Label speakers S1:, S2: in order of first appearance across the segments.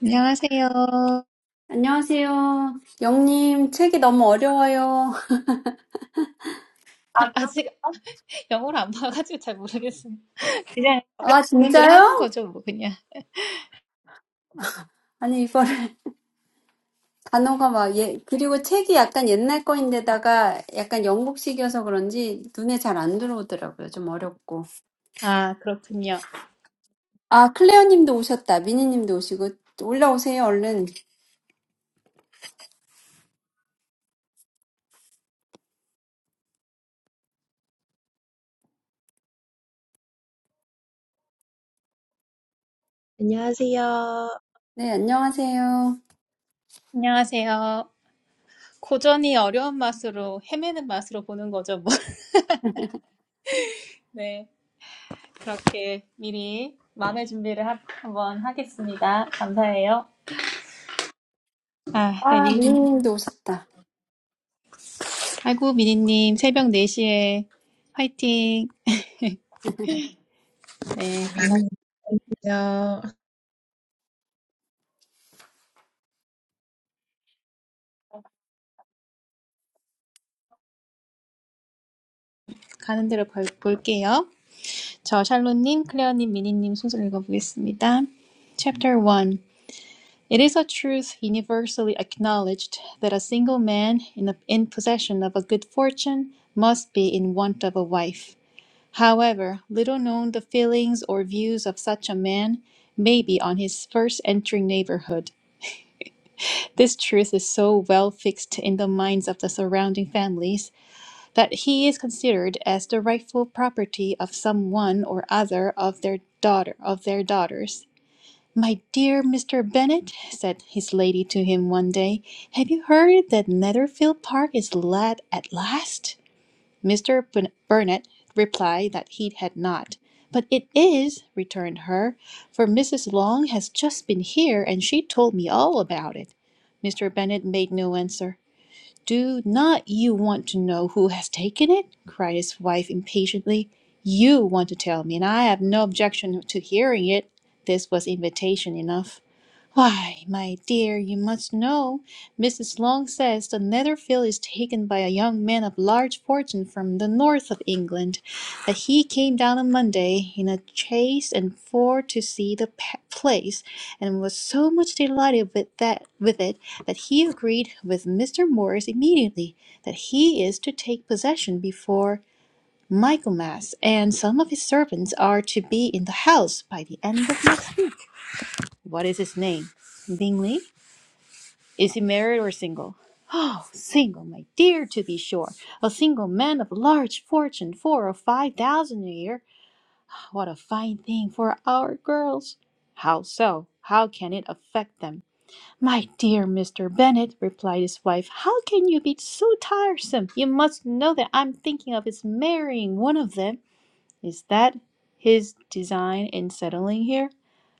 S1: 안녕하세요.
S2: 안녕하세요. 영님, 책이 너무 어려워요.
S1: 아직 영어를 안 봐가지고 잘 모르겠어요. 그냥
S2: 아,
S1: 그분들 하는
S2: 진짜요?
S1: 거죠, 뭐 그냥.
S2: 아니, 이거를, 단어가 막, 예, 그리고 책이 약간 옛날 거인데다가 약간 영국식이어서 그런지 눈에 잘 안 들어오더라고요. 좀 어렵고.
S1: 아, 그렇군요.
S2: 아, 클레어 님도 오셨다. 미니 님도 오시고. 올라오세요, 얼른.
S3: 안녕하세요.
S2: 네, 안녕하세요.
S1: 안녕하세요. 고전이 어려운 맛으로 헤매는 맛으로 보는 거죠, 뭐. 네, 그렇게 미리 마음의 준비를 하, 한번 하겠습니다. 감사해요. 아, 네,
S2: 아,
S1: 미,
S2: 미니 님도 오셨다.
S1: 아이고, 미니님, 새벽 4시에 화이팅. 네,
S3: 아,
S1: 한번
S3: 민요.
S1: 가는 대로 볼, 볼게요. 저 샬롯님, 클레어님, 미니님 순서 읽어보겠습니다. Chapter One. It is a truth universally acknowledged that a single man in, a, in possession of a good fortune must be in want of a wife. However little known the feelings or views of such a man may be on his first entering neighborhood, this truth is so well fixed in the minds of the surrounding families that he is considered as the rightful property of some one or other of their daughter of their daughters. "My dear Mr. Bennet," said his lady to him one day, "have you heard that Netherfield Park is let at last?" Mr. Bennet replied that he had not. "But it is," returned her, "for Mrs. Long has just been here, and she told me all about it." Mr. Bennet made no answer. Do not you want to know who has taken it? cried his wife impatiently. You want to tell me, and I have no objection to hearing it. This was invitation enough. Why, my dear, you must know. Mrs. Long says the Netherfield is taken by a young man of large fortune from the north of England, that he came down on Monday in a chaise and four to see the place, and was so much delighted with that with it that he agreed with Mr. Morris immediately that he is to take possession before Michaelmas, and some of his servants are to be in the house by the end of next week. What is his name? Bingley? Is he married or single? Oh, single, my dear, to be sure. A single man of large fortune, four or five thousand a year. What a fine thing for our girls! How so? How can it affect them? My dear Mr. Bennet, replied his wife, how can you be so tiresome? You must know that I'm thinking of his marrying one of them. Is that his design in settling here?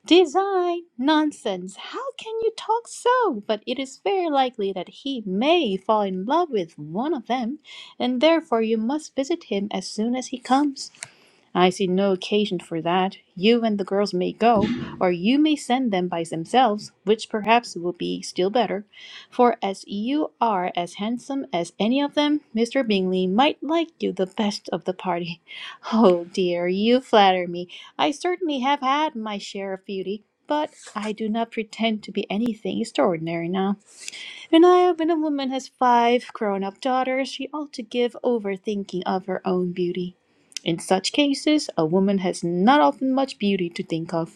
S1: Design? Nonsense! How can you talk so? But it is very likely that he may fall in love with one of them, and therefore you must visit him as soon as he comes. I see no occasion for that. You and the girls may go, or you may send them by themselves, which perhaps will be still better. For as you are as handsome as any of them, Mr. Bingley might like you the best of the party. Oh dear, you flatter me. I certainly have had my share of beauty, but I do not pretend to be anything extraordinary now. Renaya, when a woman has five grown up daughters, she ought to give over thinking of her own beauty. In such cases, a woman has not often much beauty to think of.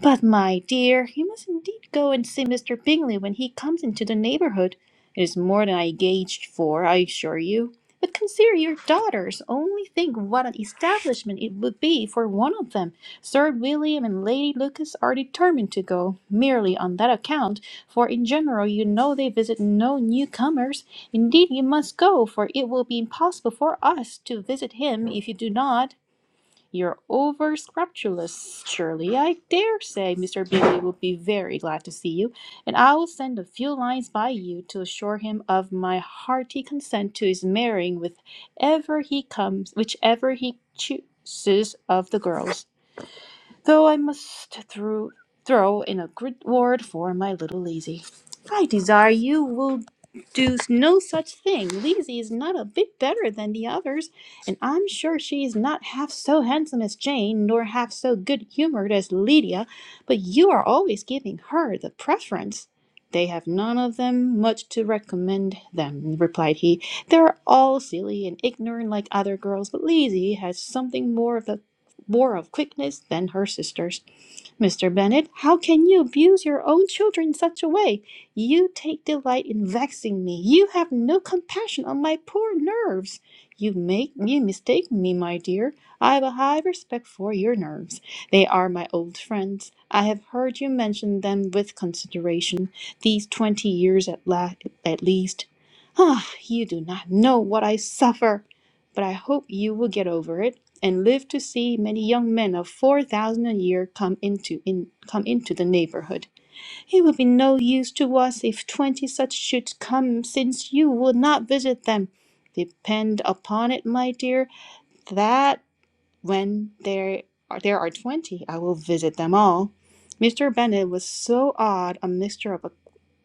S1: But, my dear, you must indeed go and see Mr. Bingley when he comes into the neighbourhood. It is more than I gauged for, I assure you. But consider your daughters. Only think what an establishment it would be for one of them. Sir William and Lady Lucas are determined to go, merely on that account, for in general you know they visit no newcomers. Indeed, you must go, for it will be impossible for us to visit him if you do not. You're over scrupulous, surely. I dare say Mr. Bingley will be very glad to see you, and I will send a few lines by you to assure him of my hearty consent to his marrying with ever he comes, whichever he chooses of the girls though I must through, throw in a good word for my little Lazy. I desire you will do no such thing. Lazy is not a bit better than the others, and I'm sure she is not half so handsome as Jane, nor half so good humoured as Lydia, but you are always giving her the preference. They have none of them much to recommend them, replied he. They're all silly and ignorant like other girls, but Lizzie has something more of the more of quickness than her sisters. Mr. Bennet, how can you abuse your own children in such a way? You take delight in vexing me. You have no compassion on my poor nerves. You make you mistake me, my dear. I have a high respect for your nerves. They are my old friends. I have heard you mention them with consideration these twenty years at la- at least. Ah, you do not know what I suffer, but I hope you will get over it and lived to see many young men of four thousand a year come into in, come into the neighborhood. It would be no use to us if twenty such should come, since you would not visit them. Depend upon it, my dear, that. When there are, there are 20, I will visit them all. Mr. Bennet was so odd, a mixture of a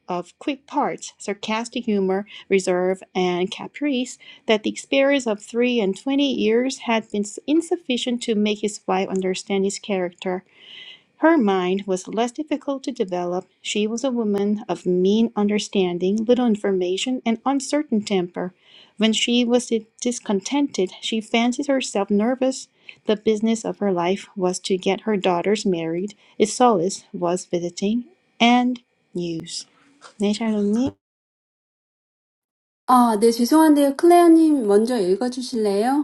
S1: of quick parts, sarcastic humor, reserve, and caprice, that the experience of three and twenty years had been insufficient to make his wife understand his character her mind was less difficult to develop. She was a woman of mean understanding, little information, and uncertain temper. When she was discontented, she fancied herself nervous. The business of her life was to get her daughters married. Its solace was visiting and news. 네, 샬롯님.
S2: 아, 네, 죄송한데요. 클레어 님 먼저 읽어주실래요?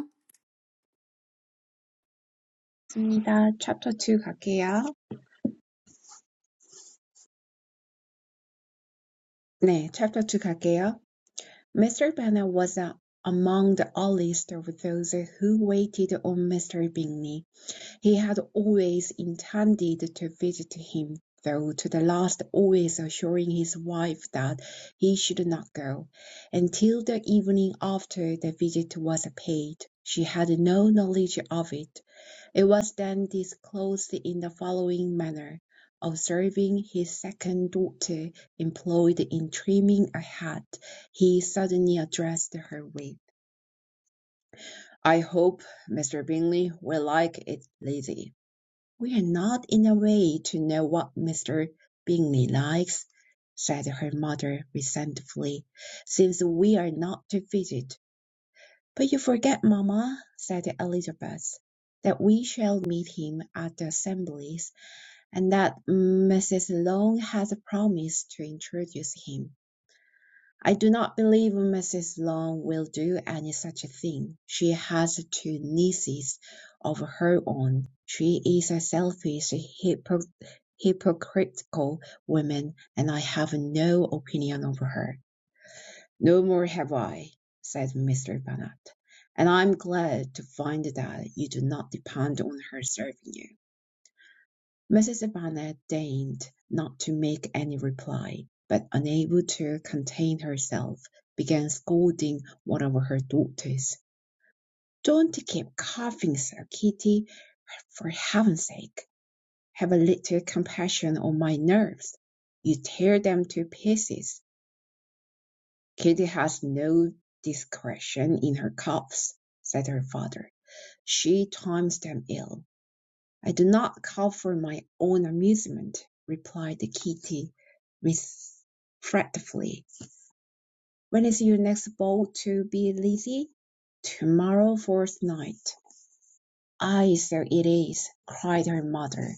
S3: 맞습니다. Chapter 2 갈게요. 네, Chapter 2 갈게요. Mr. Bennet was uh, among the earliest of those who waited on Mr. Bingley. He had always intended to visit him, though to the last always assuring his wife that he should not go. Until the evening after the visit was paid, she had no knowledge of it. It was then disclosed in the following manner: Observing his second daughter employed in trimming a hat, he suddenly addressed her with, "I hope Mr. Bingley will like it, Lizzie." "We are not in a way to know what Mr. Bingley likes," said her mother resentfully, "since we are not to visit." "But you forget, mamma," said Elizabeth, "that we shall meet him at the Assemblies. and that Mrs. Long has promised to introduce him. I do not believe Mrs. Long will do any such a thing. She has two nieces of her own. She is a selfish, hypo- hypocritical woman, and I have no opinion of her. No more have I, said Mr. Bennet. And I'm glad to find that you do not depend on her serving you. Mrs. Barnett deigned not to make any reply, but unable to contain herself, began scolding one of her daughters. "Don't keep coughing sir Kitty. For heaven's sake, have a little compassion on my nerves. You tear them to pieces." "Kitty has no discretion in her coughs," said her father. "She times them ill. "I do not call for my own amusement," replied the Kitty regretfully. "When is your next ball to be, Lizzie?" Tomorrow morrow fortnight." "Ay, so it is," cried her mother,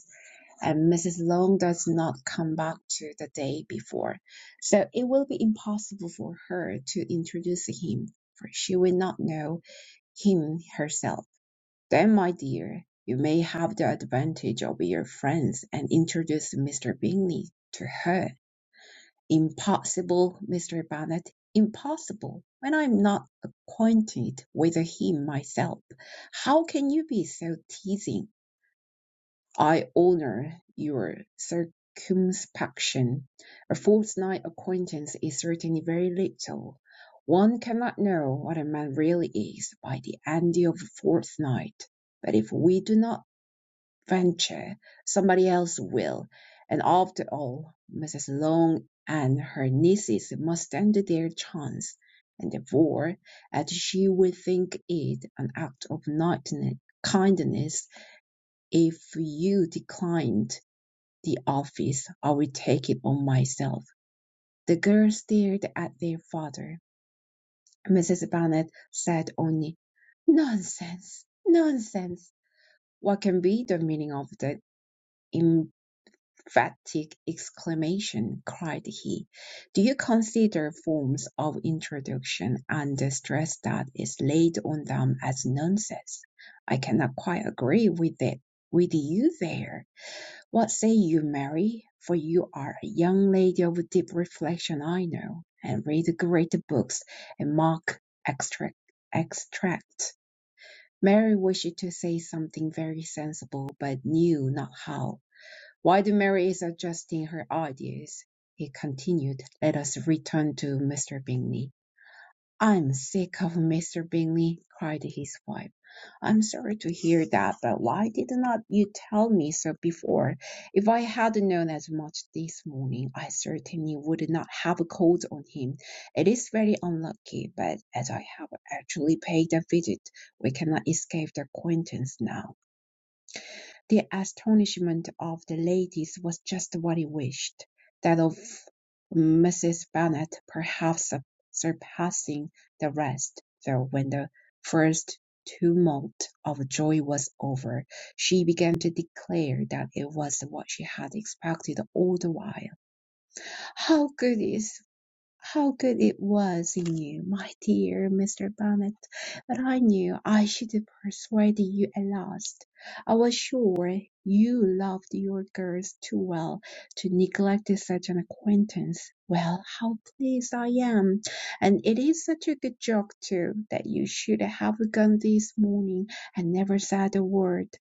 S3: "and Mrs. Long does not come back to the day before, so it will be impossible for her to introduce him, for she will not know him herself. Then, my dear, you may have the advantage of your friends and introduce Mr. Bingley to her. Impossible, Mr. Bennet, impossible. When I'm not acquainted with him myself, how can you be so teasing? I honour your circumspection. A fortnight acquaintance is certainly very little. One cannot know what a man really is by the end of a fortnight. But if we do not venture, somebody else will. And after all, Mrs. Long and her nieces must stand their chance, and therefore, as she would think it an act of knightly kindness if you declined the office, I will take it on myself. The girls stared at their father. Mrs. Bennet said only, Nonsense, nonsense. What can be the meaning of that? im- "Emphatic exclamation!" cried he. "Do you consider forms of introduction and the stress that is laid on them as nonsense? I cannot quite agree with it with you there. What say you, Mary? For you are a young lady of deep reflection, I know, and read great books, and mark extract extract." Mary wished to say something very sensible, but knew not how. While Mary is adjusting her ideas, he continued, Let us return to Mr. Bingley. I'm sick of Mr. Bingley, cried his wife. I'm sorry to hear that, but why did not you tell me so before? If I had known as much this morning, I certainly would not have called on him. It is very unlucky, but as I have actually paid a visit, we cannot escape the acquaintance now. The astonishment of the ladies was just what he wished, that of Mrs. Bennet perhaps surpassing the rest; though when the first tumult of joy was over, she began to declare that it was what she had expected all the while. "How good it is! How good it was in you, my dear Mr. Bennet! But I knew I should have persuaded you at last. I was sure you loved your girls too well to neglect such an acquaintance. Well, how pleased I am! And it is such a good joke too, that you should have gone this morning and never said a word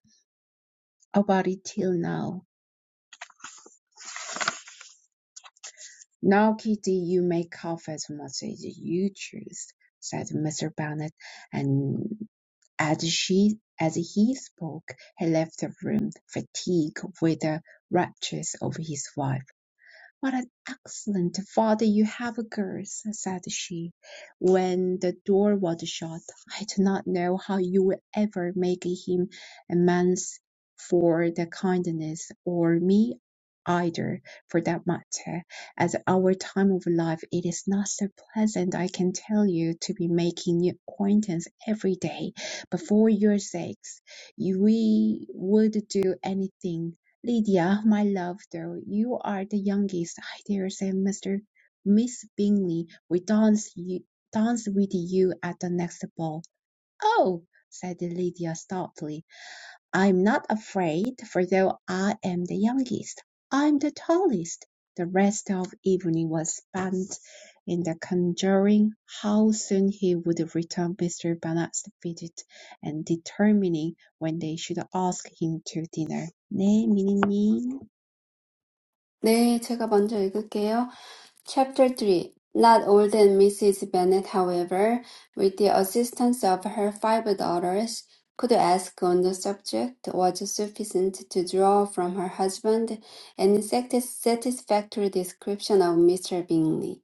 S3: about it till now. "Now, Kitty, you may cough as much as you choose," said Mr. Bennet; and as she as he spoke, he left the room, fatigued with the raptures of his wife. "What an excellent father you have, girls!" said she, when the door was shut. "I do not know how you will ever make him amends for the kindness, or me either, for that matter. At our time of life it is not so pleasant, I can tell you, to be making new acquaintance every day. But for your sakes, you- we would do anything. Lydia, my love, though you are the youngest, I dare say Mr. Miss Bingley will dance you dance with you at the next ball. Oh, said Lydia stoutly, I'm not afraid, for though I am the youngest, I'm the tallest. The rest of evening was spent in the conjuring how soon he would return Mr. Bonnet's visit, and determining when they should ask him to dinner. 네, 미니님.
S2: 네, 제가 먼저 읽을게요. Chapter 3 Not old and Mrs. Bennet, however, with the assistance of her five daughters, could ask on the subject was sufficient to draw from her husband any satis- satisfactory description of Mr. Bingley.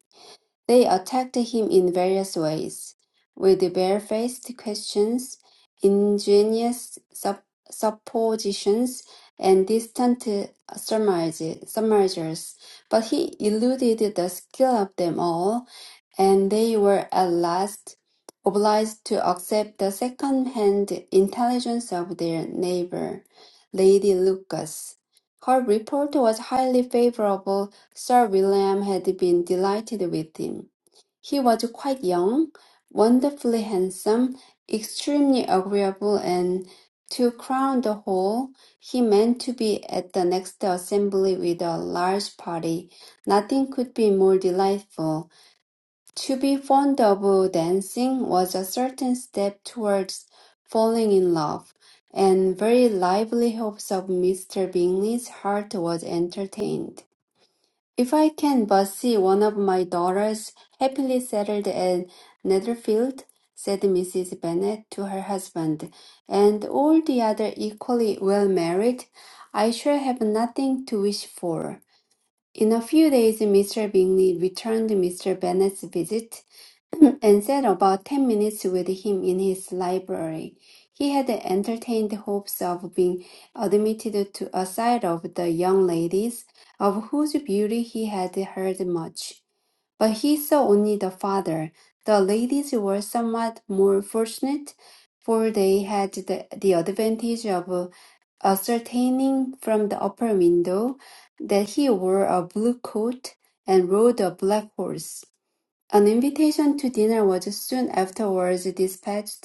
S2: They attacked him in various ways, with barefaced questions, ingenious sup- suppositions, and distant uh, surmise- surmises, but he eluded the skill of them all, and they were at last obliged to accept the second-hand intelligence of their neighbor, Lady Lucas. Her report was highly favorable. Sir William had been delighted with him. He was quite young, wonderfully handsome, extremely agreeable, and to crown the whole, he meant to be at the next assembly with a large party. Nothing could be more delightful. To be fond of dancing was a certain step towards falling in love, and very lively hopes of Mr. Bingley's heart was entertained. If I can but see one of my daughters happily settled at Netherfield, said Mrs. Bennet to her husband, and all the other equally well married, I shall have nothing to wish for. In a few days Mr. Bingley returned Mr. Bennet's visit, and sat about ten minutes with him in his library. He had entertained hopes of being admitted to a sight of the young ladies, of whose beauty he had heard much. But he saw only the father. The ladies were somewhat more fortunate, for they had the, the advantage of ascertaining from the upper window that he wore a blue coat and rode a black horse. An invitation to dinner was soon afterwards dispatched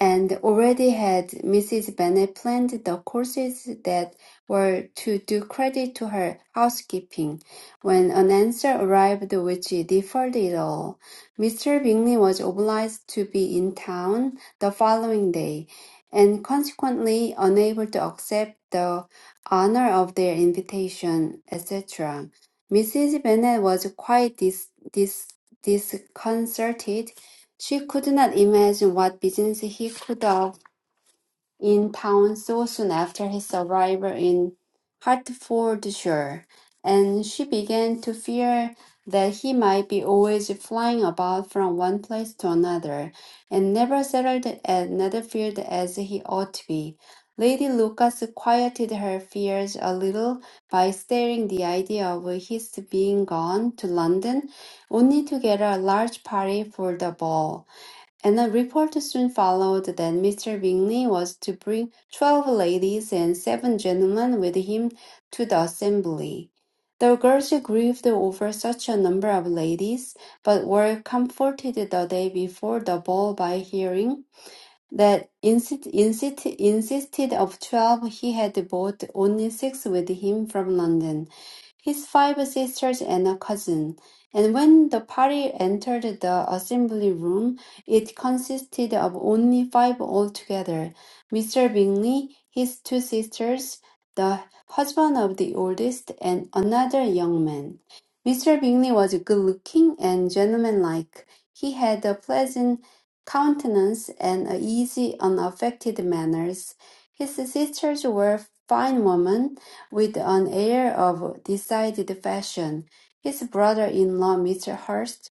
S2: and already had Mrs. Bennet planned the courses that were to do credit to her housekeeping, when an answer arrived which deferred it all. Mr. Bingley was obliged to be in town the following day, and consequently unable to accept the honor of their invitation, etc. Mrs. Bennet was quite dis- dis- disconcerted she could not imagine what business he could have in town so soon after his arrival in Hertfordshire, and she began to fear that he might be always flying about from one place to another, and never settled at Netherfield as he ought to be. Lady Lucas quieted her fears a little by stating the idea of his being gone to London, only to gather a large party for the ball and a report soon followed that Mr. Bingley was to bring twelve ladies and seven gentlemen with him to the assembly. The girls grieved over such a number of ladies, but were comforted the day before the ball by hearing that insist, insist, insisted of twelve he had brought only six with him from London, his five sisters and a cousin. And when the party entered the assembly room, it consisted of only five altogether. Mr. Bingley, his two sisters, the husband of the oldest, and another young man. Mr. Bingley was good looking and gentlemanlike. He had a pleasant countenance and a easy, unaffected manners. His sisters were fine women with an air of decided fashion. His brother-in-law, Mr. Hurst,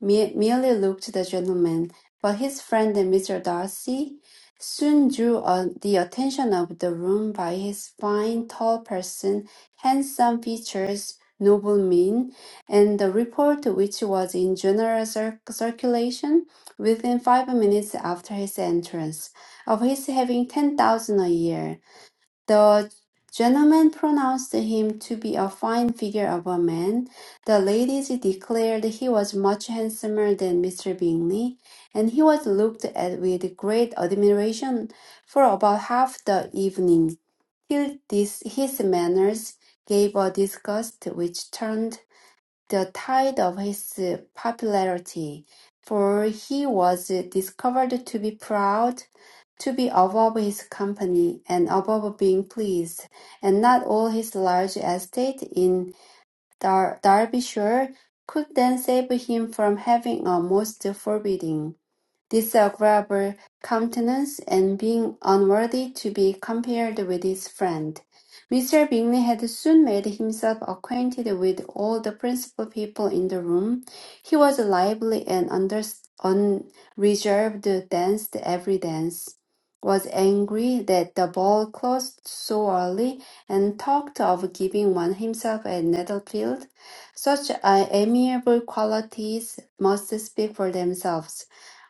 S2: me- merely looked the gentleman, but his friend, Mr. Darcy, soon drew uh, the attention of the room by his fine, tall person, handsome features, noble mien, and the report which was in general cir- circulation within five minutes after his entrance, of his having ten thousand a year. The gentlemen pronounced him to be a fine figure of a man. The ladies declared he was much handsomer than Mr. Bingley, and he was looked at with great admiration for about half the evening. Till this, his manners gave a disgust which turned the tide of his popularity, for he was discovered to be proud, to be above his company, and above being pleased, and not all his large estate in Dar- Derbyshire could then save him from having a most forbidding disagreeable countenance, and being unworthy to be compared with his friend. Mr. Bingley had soon made himself acquainted with all the principal people in the room. He was lively and under, unreserved, danced every dance, was angry that the ball closed so early, and talked of giving one himself at Netherfield. Such uh, amiable qualities must speak for themselves.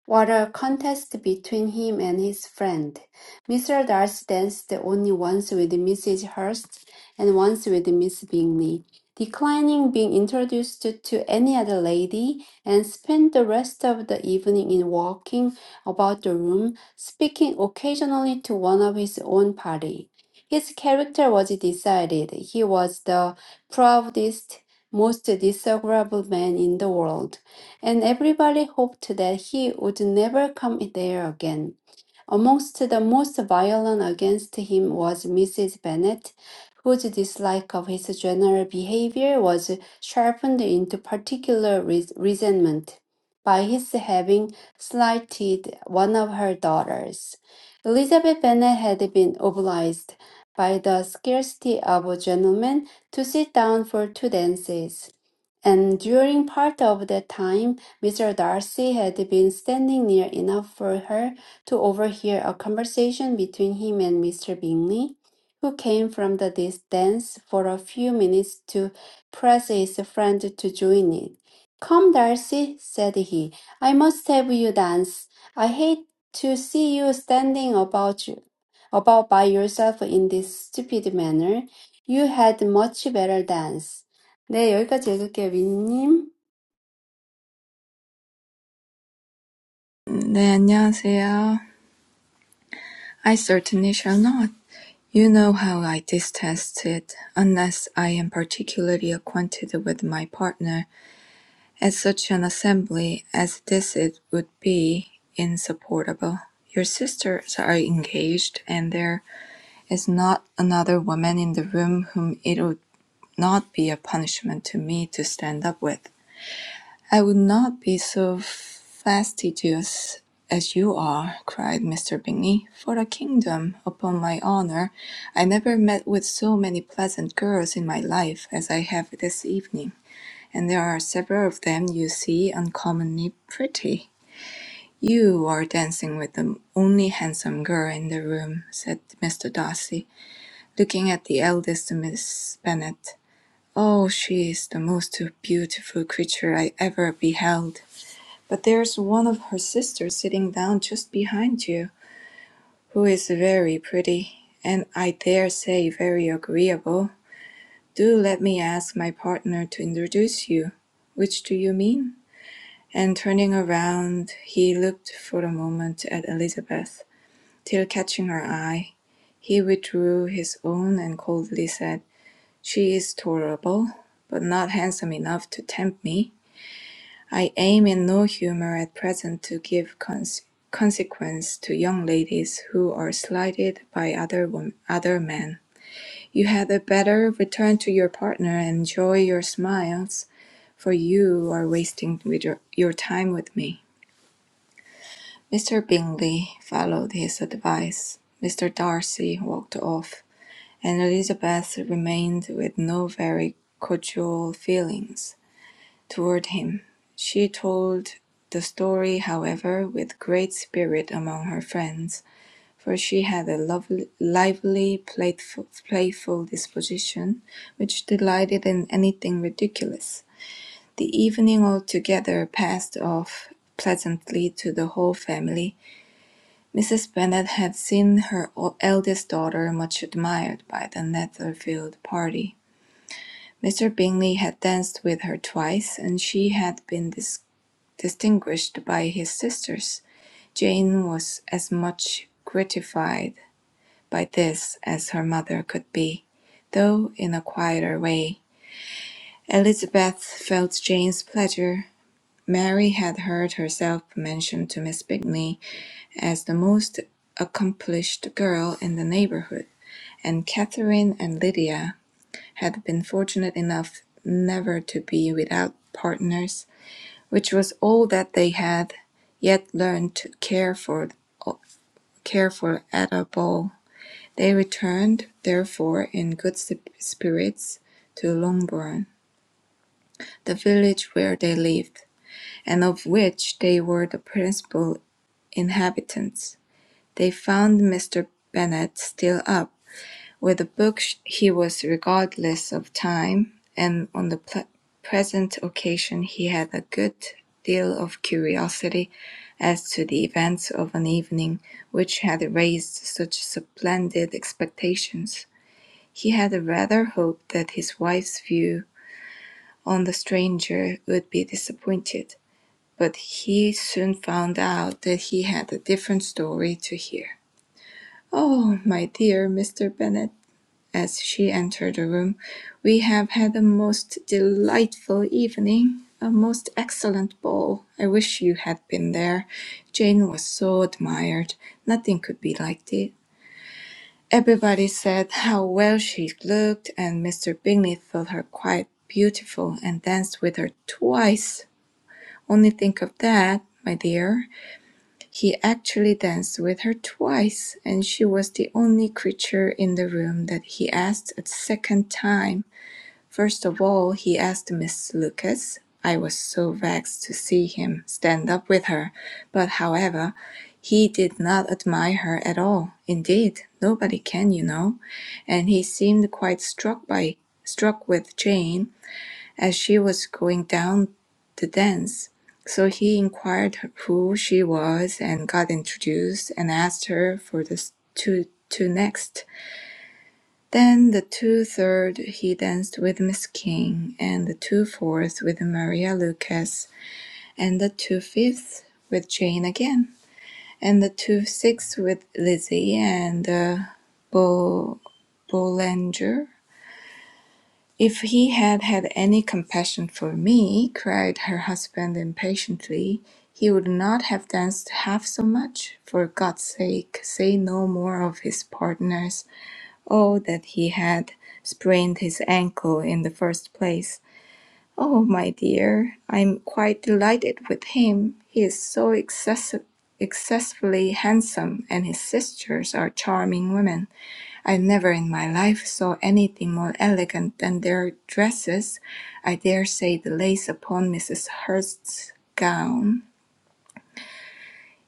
S2: What a contest between him and his friend! Mr. Darcy danced only once with Mrs. Hurst and once with Miss Bingley, declining being introduced to any other lady, and spent the rest of the evening in walking about the room, speaking occasionally to one of his own party. His character was decided. He was the proudest, most disagreeable man in the world and everybody hoped that he would never come there again. Amongst the most violent against him was Mrs. Bennet, whose dislike of his general behavior was sharpened into particular res- resentment by his having slighted one of her daughters. Elizabeth Bennet had been obliged by the scarcity of gentlemen to sit down for two dances. And during part of that time, Mr. Darcy had been standing near enough for her to overhear a conversation between him and Mr. Bingley, who came from the distance for a few minutes to press his friend to join it. Come, Darcy, said he. I must have you dance. I hate to see you standing about you, about by yourself in this stupid manner. You had much better dance. 네, 여기까지 읽을게요, 민님.
S4: 네, 안녕하세요. I certainly shall not. You know how I detest it, unless I am particularly acquainted with my partner, at such an assembly as this it would be insupportable. Your sisters are engaged, and there is not another woman in the room whom it would not be a punishment to me to stand up with. I would not be so fastidious as you are, cried Mr. Bingley. For a kingdom, upon my honour, I never met with so many pleasant girls in my life as I have this evening, and there are several of them you see uncommonly pretty. You are dancing with the only handsome girl in the room, said Mr. Darcy, looking at the eldest Miss Bennet. Oh, she is the most beautiful creature I ever beheld but there's one of her sisters sitting down just behind you, who is very pretty, and I dare say very agreeable. Do let me ask my partner to introduce you. Which do you mean? And turning around, he looked for a moment at Elizabeth, till catching her eye, he withdrew his own and coldly said, She is tolerable, but not handsome enough to tempt me. I aim in no humour at present to give cons- consequence to young ladies who are slighted by other wom- other men. You had better return to your partner and enjoy your smiles, for you are wasting with your, your time with me. Mr. Bingley followed his advice. Mr. Darcy walked off, and Elizabeth remained with no very cordial feelings. toward him. She told the story, however, with great spirit among her friends, for she had a lovely, lively, playful, playful disposition, which delighted in anything ridiculous. The evening altogether passed off pleasantly to the whole family. Mrs. Bennet had seen her o- eldest daughter much admired by the Netherfield party. Mr. Bingley had danced with her twice, and she had been dis distinguished by his sisters. Jane was as much gratified by this as her mother could be, though in a quieter way. Elizabeth felt Jane's pleasure. Mary had heard herself mentioned to Miss Bingley as the most accomplished girl in the neighborhood, and Catherine and Lydia had been fortunate enough never to be without partners which was all that they had yet learned to care for, care for at a ball. They returned, therefore, in good spirits to Longbourn, the village where they lived, and of which they were the principal inhabitants. They found Mr. Bennet still up, With the book he was regardless of time, and on the pl- present occasion he had a good deal of curiosity as to the events of an evening which had raised such splendid expectations. He had rather hoped that his wife's view on the stranger would be disappointed, but he soon found out that he had a different story to hear. "Oh, my dear Mr. Bennet!" as she entered the room. We have had a most delightful evening, a most excellent ball. I wish you had been there. Jane was so admired. Nothing could be like it. Everybody said how well she looked, and Mr. Bingley thought her quite beautiful and danced with her twice. Only think of that, my dear. He actually danced with her twice, and she was the only creature in the room that he asked a second time. First of all, he asked Miss Lucas. I was so vexed to see him stand up with her, but however, he did not admire her at all. Indeed, nobody can, you know. And he seemed quite struck by struck with Jane as she was going down the dance. So he inquired who she was and got introduced and asked her for the s- two two next. Then the two third he danced with Miss King, and the two fourth with Maria Lucas, and the two fifth with Jane again, and the two sixth with Lizzie and uh, Bo- Bollinger. If he had had any compassion for me, cried her husband impatiently, he would not have danced half so much. For God's sake, say no more of his partners. Oh, that he had sprained his ankle in the first place. Oh, my dear, I'm quite delighted with him. He is so excessi- excessively handsome, and his sisters are charming women. I never in my life saw anything more elegant than their dresses. I dare say the lace upon Mrs. Hurst's gown.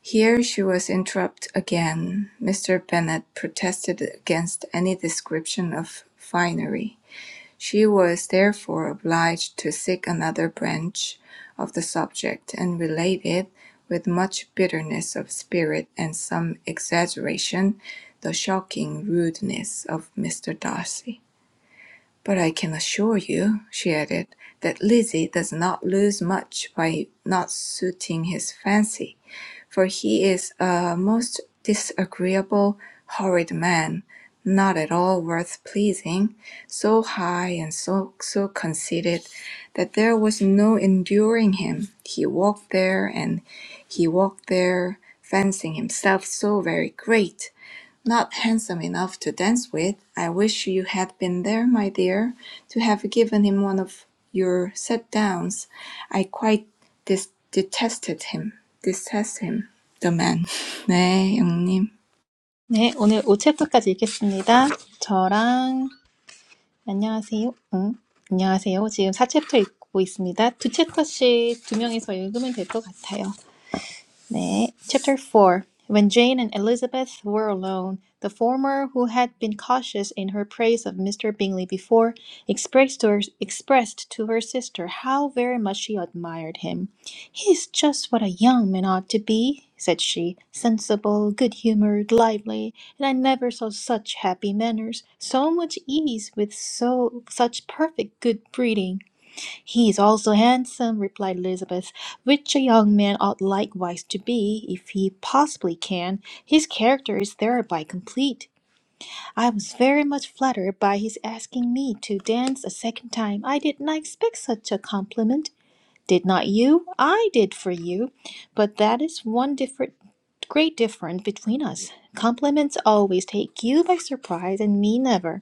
S4: Here she was interrupted again. Mr. Bennet protested against any description of finery. She was therefore obliged to seek another branch of the subject, and related, with much bitterness of spirit and some exaggeration, the shocking rudeness of Mr. Darcy. "But I can assure you," she added, "that Lizzie does not lose much by not suiting his fancy for he is a most disagreeable, horrid man, not at all worth pleasing, so high and so, so conceited that there was no enduring him. He walked there and he walked there, fancying himself so very great not handsome enough to dance with. I wish you had been there, my dear, to have given him one of your set downs. I quite dis detested him. Detest him. The man. 네, 영님.
S1: 네, 오늘 오 챕터까지 읽겠습니다. 저랑 안녕하세요. 응, 안녕하세요. 지금 사 챕터 읽고 있습니다. 두 챕터씩 두 명이서 읽으면 될 것 같아요. 네. Chapter 4 When Jane and Elizabeth were alone, the former, who had been cautious in her praise of Mr. Bingley before, expressed to her, expressed to her sister how very much she admired him. "He is just what a young man ought to be," said she, "sensible, good-humoured, lively, and I never saw such happy manners, so much ease, with so such perfect good breeding. He is also handsome, replied Elizabeth, which a young man ought likewise to be, if he possibly can. His character is thereby complete. I was very much flattered by his asking me to dance a second time. I did not expect such a compliment. Did not you? I did for you. But that is one different great difference between us. Compliments always take you by surprise and me never.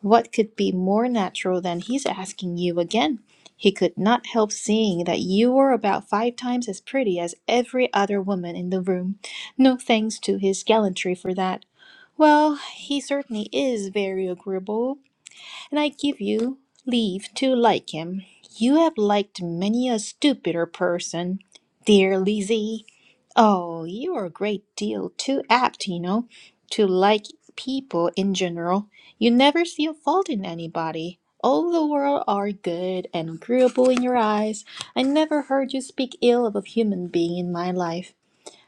S1: What could be more natural than he's asking you again? He could not help seeing that you were about five times as pretty as every other woman in the room. No thanks to his gallantry for that. Well, he certainly is very agreeable, and I give you leave to like him. You have liked many a stupider person, dear Lizzie. Oh, you are a great deal too apt, you know, to like people in general. You never see a fault in anybody. All the world are good and agreeable in your eyes. I never heard you speak ill of a human being in my life.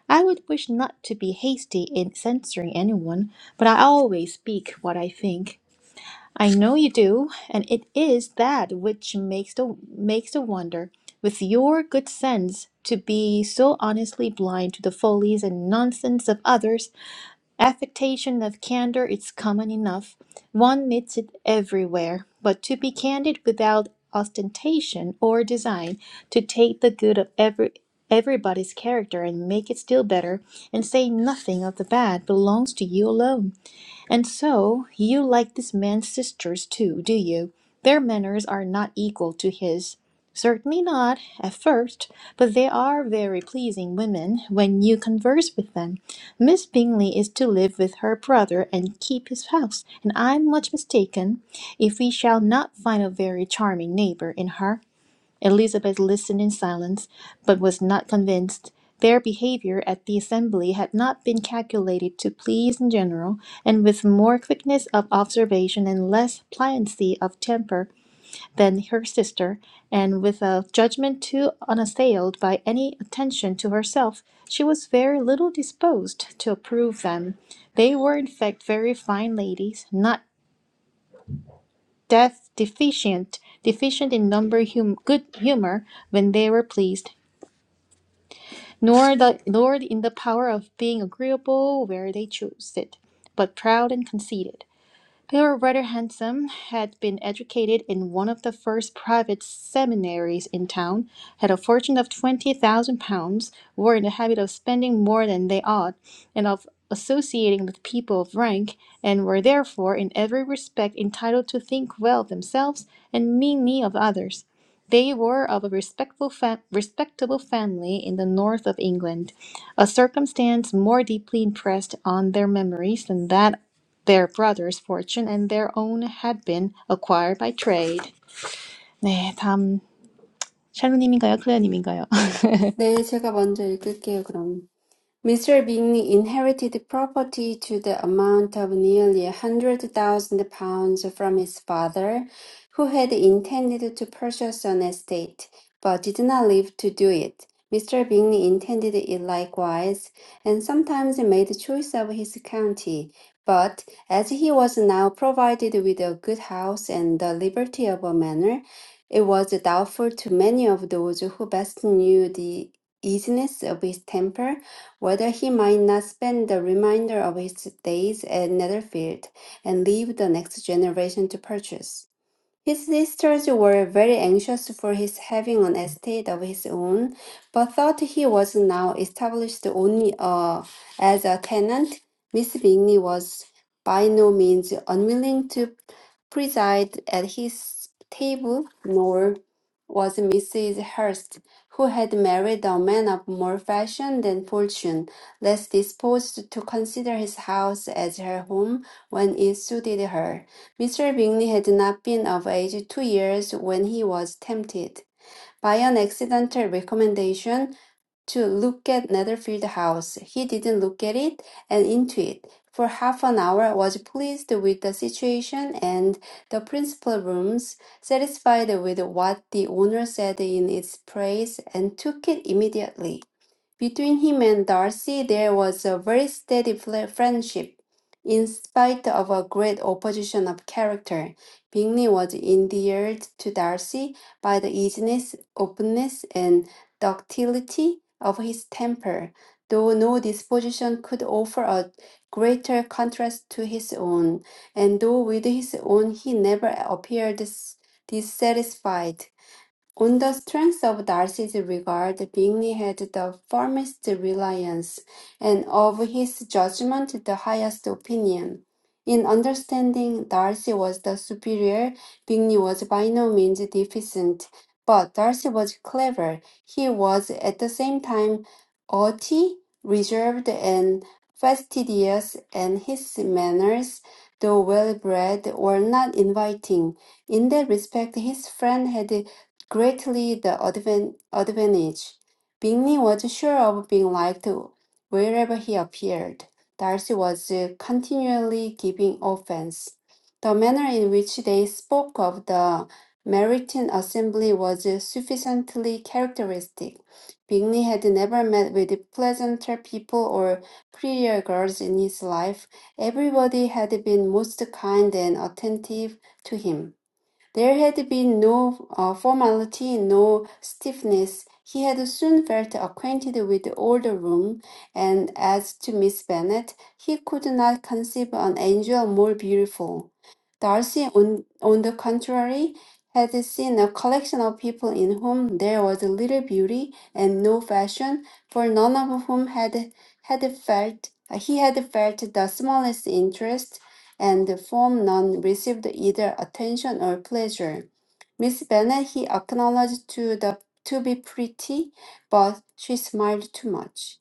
S1: I would wish not to be hasty in censoring anyone, but I always speak what I think. I know you do, and it is that which makes the makes the wonder, with your good sense, to be so honestly blind to the follies and nonsense of others. Affectation of candor is common enough; one meets it everywhere. But to be candid without ostentation or design, to take the good of every everybody's character and make it still better, and say nothing of the bad, belongs to you alone. And so, you like this man's sisters too, do you? Their manners are not equal to his. Certainly not, at first, but they are very pleasing women when you converse with them. Miss Bingley is to live with her brother and keep his house, and I'm much mistaken if we shall not find a very charming neighbor in her. Elizabeth listened in silence, but was not convinced. Their behavior at the assembly had not been calculated to please in general, and with more quickness of observation and less pliancy of temper than her sister, and with a judgment too unassailed by any attention to herself, she was very little disposed to approve them. They were in fact very fine ladies, not deaf deficient, deficient in number hum- good humor when they were pleased, nor the nor in the power of being agreeable where they choose it, but proud and conceited. They were rather handsome, had been educated in one of the first private seminaries in town, had a fortune of twenty thousand pounds, were in the habit of spending more than they ought, and of associating with people of rank, and were therefore in every respect entitled to think well of themselves and meanly of others. They were of a respectful fa- respectable family in the north of England, a circumstance more deeply impressed on their memories than that Their brother's fortune and their own had been acquired by trade. 네, 다음 샬루님인가요? 클레어님인가요?
S2: 네, 제가 먼저 읽을게요, 그럼. Mr. Bingley inherited property to the amount of nearly a hundred thousand pounds from his father, who had intended to purchase an estate, but did not live to do it. Mr. Bingley intended it likewise, and sometimes made choice of his county. But as he was now provided with a good house and the liberty of a manor, it was doubtful to many of those who best knew the easiness of his temper whether he might not spend the remainder of his days at Netherfield and leave the next generation to purchase. His sisters were very anxious for his having an estate of his own, but thought he was now established only uh, as a tenant. Miss Bingley was by no means unwilling to preside at his table, nor was Mrs. Hurst, who had married a man of more fashion than fortune, less disposed to consider his house as her home when it suited her. Mr. Bingley had not been of age two years when he was tempted, by an accidental recommendation, to look at Netherfield House. He didn't look at it and into it for half an hour, was pleased with the situation and the principal rooms, satisfied with what the owner said in its praise, and took it immediately. Between him and Darcy, there was a very steady fl- friendship. In spite of a great opposition of character, Bingley was endeared to Darcy by the easiness, openness, and ductility of his temper, though no disposition could offer a greater contrast to his own, and though with his own he never appeared s- dissatisfied. On the strength of Darcy's regard, Bingley had the firmest reliance, and of his judgment the highest opinion. In understanding, Darcy was the superior, Bingley was by no means deficient, but Darcy was clever. He was at the same time haughty, reserved, and fastidious, and his manners, though well bred, were not inviting. In that respect, his friend had greatly the advan- advantage. Bingley was sure of being liked wherever he appeared. Darcy was continually giving offence. The manner in which they spoke of the Meryton assembly was sufficiently characteristic. Bingley had never met with pleasanter people or prettier girls in his life. Everybody had been most kind and attentive to him. There had been no uh, formality, no stiffness. He had soon felt acquainted with the older room, and as to Miss Bennet, he could not conceive an angel more beautiful. Darcy, on, on the contrary, had seen a collection of people in whom there was little beauty and no fashion, for none of whom had had felt he had felt the smallest interest and from none received either attention or pleasure. Miss Bennet he acknowledged to the to be pretty, but she smiled too much.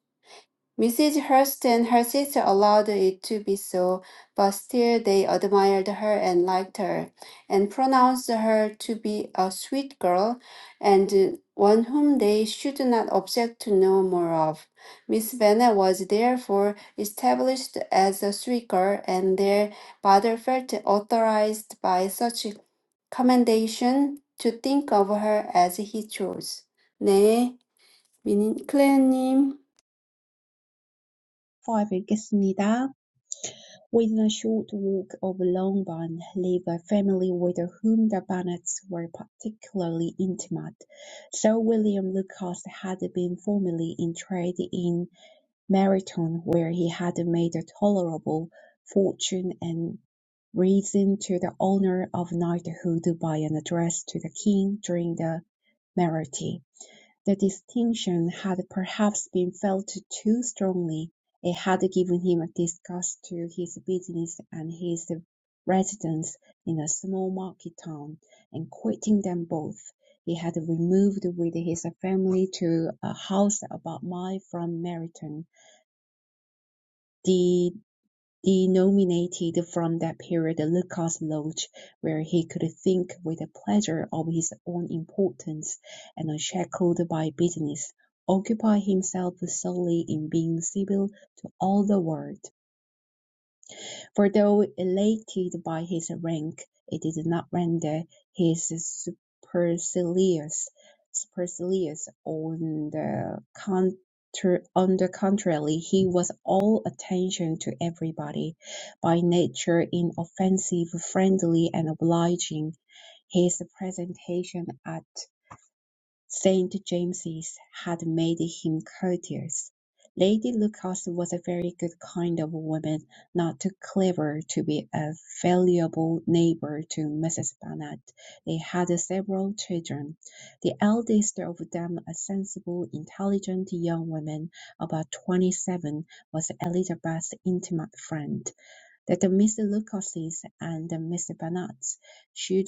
S2: Mrs. Hurst and her sister allowed it to be so, but still they admired her and liked her, and pronounced her to be a sweet girl, and one whom they should not object to know more of. Miss Bennet was therefore established as a sweet girl, and their father felt authorized by such commendation to think of her as he chose. 네, 미니- 클레어님.
S3: 파악하겠습니다. Within a short walk of Longbourn lived a family with whom the Bennets were particularly intimate. Sir William Lucas had been formerly in trade in Meryton, where he had made a tolerable fortune and risen to the honour of knighthood by an address to the king during the Mayoralty. The distinction had perhaps been felt too strongly; it had given him a disgust to his business and his residence in a small market town, and quitting them both, he had removed with his family to a house about a mile from Meryton. The he nominated from that period Lucas Lodge, where he could think with pleasure of his own importance, and unshackled by business, occupy himself solely in being civil to all the world. For though elated by his rank, it did not render his supercilious, supercilious on the contr on the contrary, he was all attention to everybody, by nature inoffensive, friendly, and obliging. His presentation at Saint James's had made him courteous. Lady Lucas was a very good kind of woman, not too clever to be a valuable neighbour to Mrs. Bennet. They had several children, the eldest of them a sensible, intelligent young woman, about twenty-seven, was Elizabeth's intimate friend that Mr. Lucases and the Mr. Banats should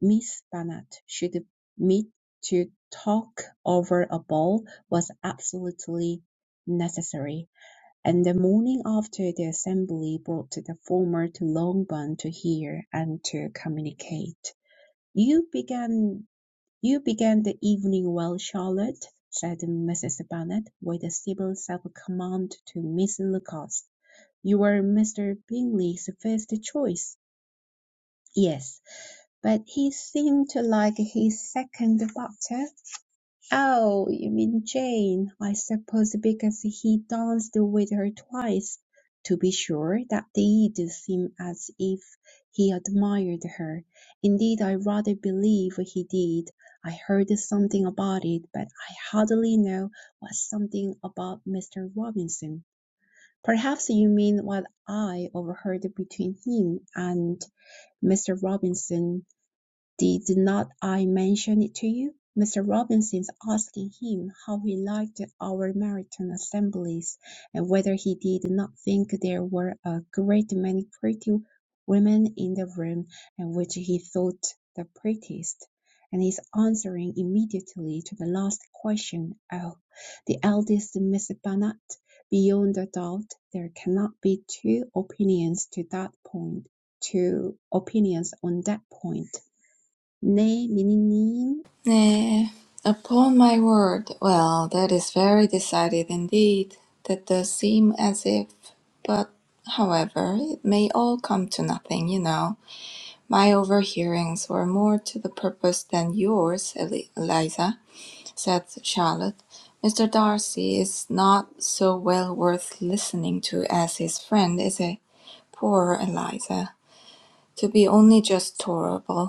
S3: Miss Barnett should meet to talk over a ball was absolutely necessary, and the morning after the assembly brought the former to Longbourn to hear and to communicate. You began you began the evening well, Charlotte, said Mrs. Bennet, with a civil self command to Miss Lucas. You were Mr. Bingley's first choice." "Yes, but he seemed to like his second better." "Oh, you mean Jane, I suppose, because he danced with her twice. To be sure, that did seem as if he admired her. Indeed, I rather believe he did. I heard something about it, but I hardly know what something about Mr. Robinson. Perhaps you mean what I overheard between him and Mr. Robinson. Did not I mention it to you? Mr. Robinson asking him how he liked our American assemblies, and whether he did not think there were a great many pretty women in the room, and which he thought the prettiest. And his answering immediately to the last question, Oh, the eldest Miss Bennet, beyond a doubt there cannot be two opinions to that point, two opinions on that point. 네, 미니님.
S4: 네. Upon my word. Well, that is very decided indeed. That does seem as if. But, however, it may all come to nothing, you know. My overhearings were more to the purpose than yours, Eli- Eliza. said Charlotte. "Mr. Darcy is not so well worth listening to as his friend, is he? Poor Eliza! To be only just tolerable.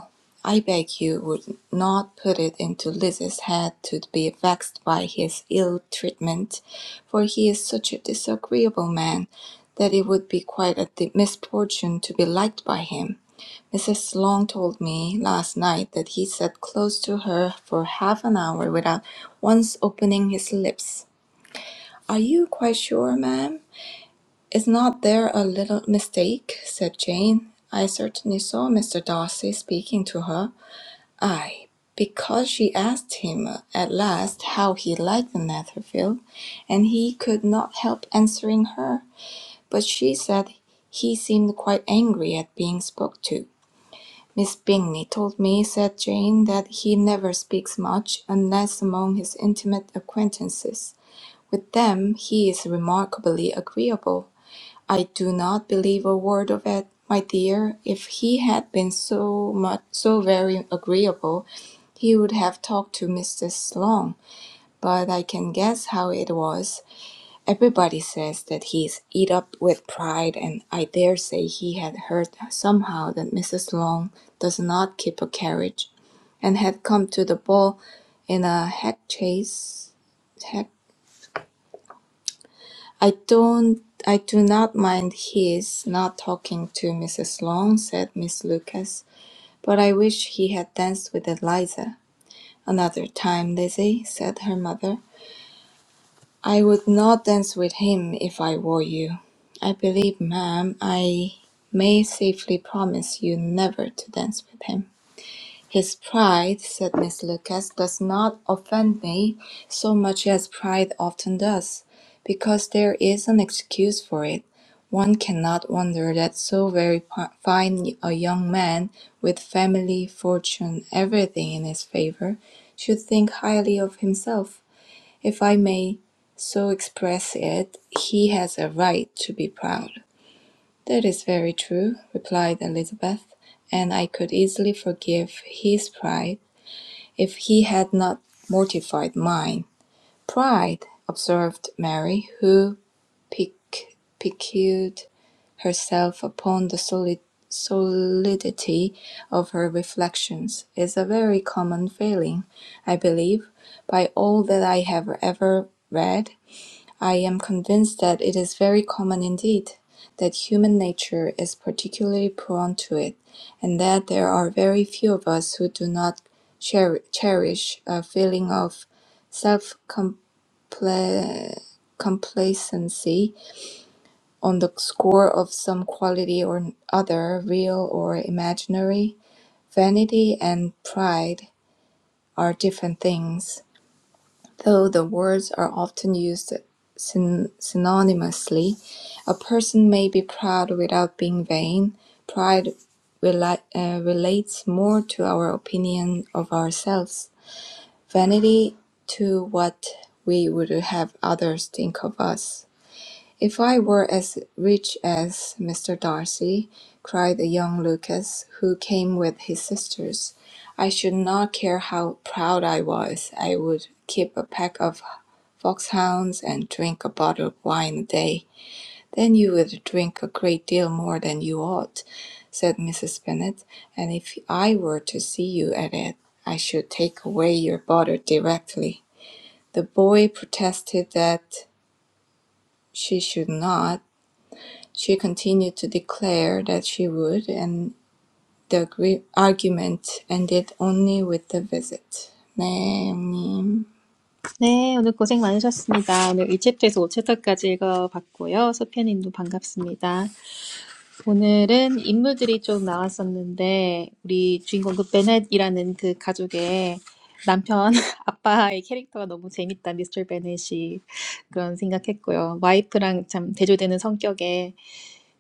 S4: I beg you would not put it into Liz's head to be vexed by his ill treatment, for he is such a disagreeable man that it would be quite a misfortune to be liked by him. Mrs. Long told me last night that he sat close to her for half an hour without once opening his lips. Are you quite sure, ma'am? Is not there a little mistake? said Jane. I certainly saw Mr. Darcy speaking to her. Ay, because she asked him at last how he liked the Netherfield, and he could not help answering her. But she said he seemed quite angry at being spoke to. "Miss Bingley told me," said Jane, "that he never speaks much, unless among his intimate acquaintances. With them he is remarkably agreeable. I do not believe a word of it, my dear. If he had been so much so very agreeable, he would have talked to Mrs. Long. But I can guess how it was. Everybody says that he is eat up with pride, and I dare say he had heard somehow that Mrs. Long does not keep a carriage and had come to the ball in a hack chase. Hack. I don't. I do not mind his not talking to Mrs. Long, said Miss Lucas, but I wish he had danced with Eliza. Another time, Lizzie, said her mother. I would not dance with him if I were you. I believe, ma'am, I may safely promise you never to dance with him. His pride, said Miss Lucas, does not offend me so much as pride often does, because there is an excuse for it. One cannot wonder that so very pi- fine a young man, with family, fortune, everything in his favor, should think highly of himself. If I may so express it, he has a right to be proud. That is very true, replied Elizabeth, and I could easily forgive his pride if he had not mortified mine. Pride, observed Mary, who pic- piqued herself upon the solid solidity of her reflections, is a very common failing, I believe, by all that I have ever read I am convinced that it is very common indeed that human nature is particularly prone to it, and that there are very few of us who do not cher- cherish a feeling of self complacency on the score of some quality or other, real or imaginary. Vanity and pride are different things. Though the words are often used syn- synonymously, a person may be proud without being vain. Pride rela- uh, relates more to our opinion of ourselves, vanity to what we would have others think of us. If I were as rich as Mr. Darcy, cried the young Lucas, who came with his sisters, I should not care how proud I was. I would keep a pack of foxhounds and drink a bottle of wine a day, then you would drink a great deal more than you ought, said Mrs. Bennet, and if I were to see you at it, I should take away your bottle directly. The boy protested that she should not. She continued to declare that she would, and the argument ended only with the visit. 네, 형님.
S1: 네, 오늘 고생 많으셨습니다. 오늘 1챕터에서 5챕터까지 읽어봤고요. 소피아님도 반갑습니다. 오늘은 인물들이 좀 나왔었는데 우리 주인공 그 베넷이라는 그 가족의 남편, 아빠의 캐릭터가 너무 재밌다, 미스터 베넷이. 그런 생각했고요. 와이프랑 참 대조되는 성격에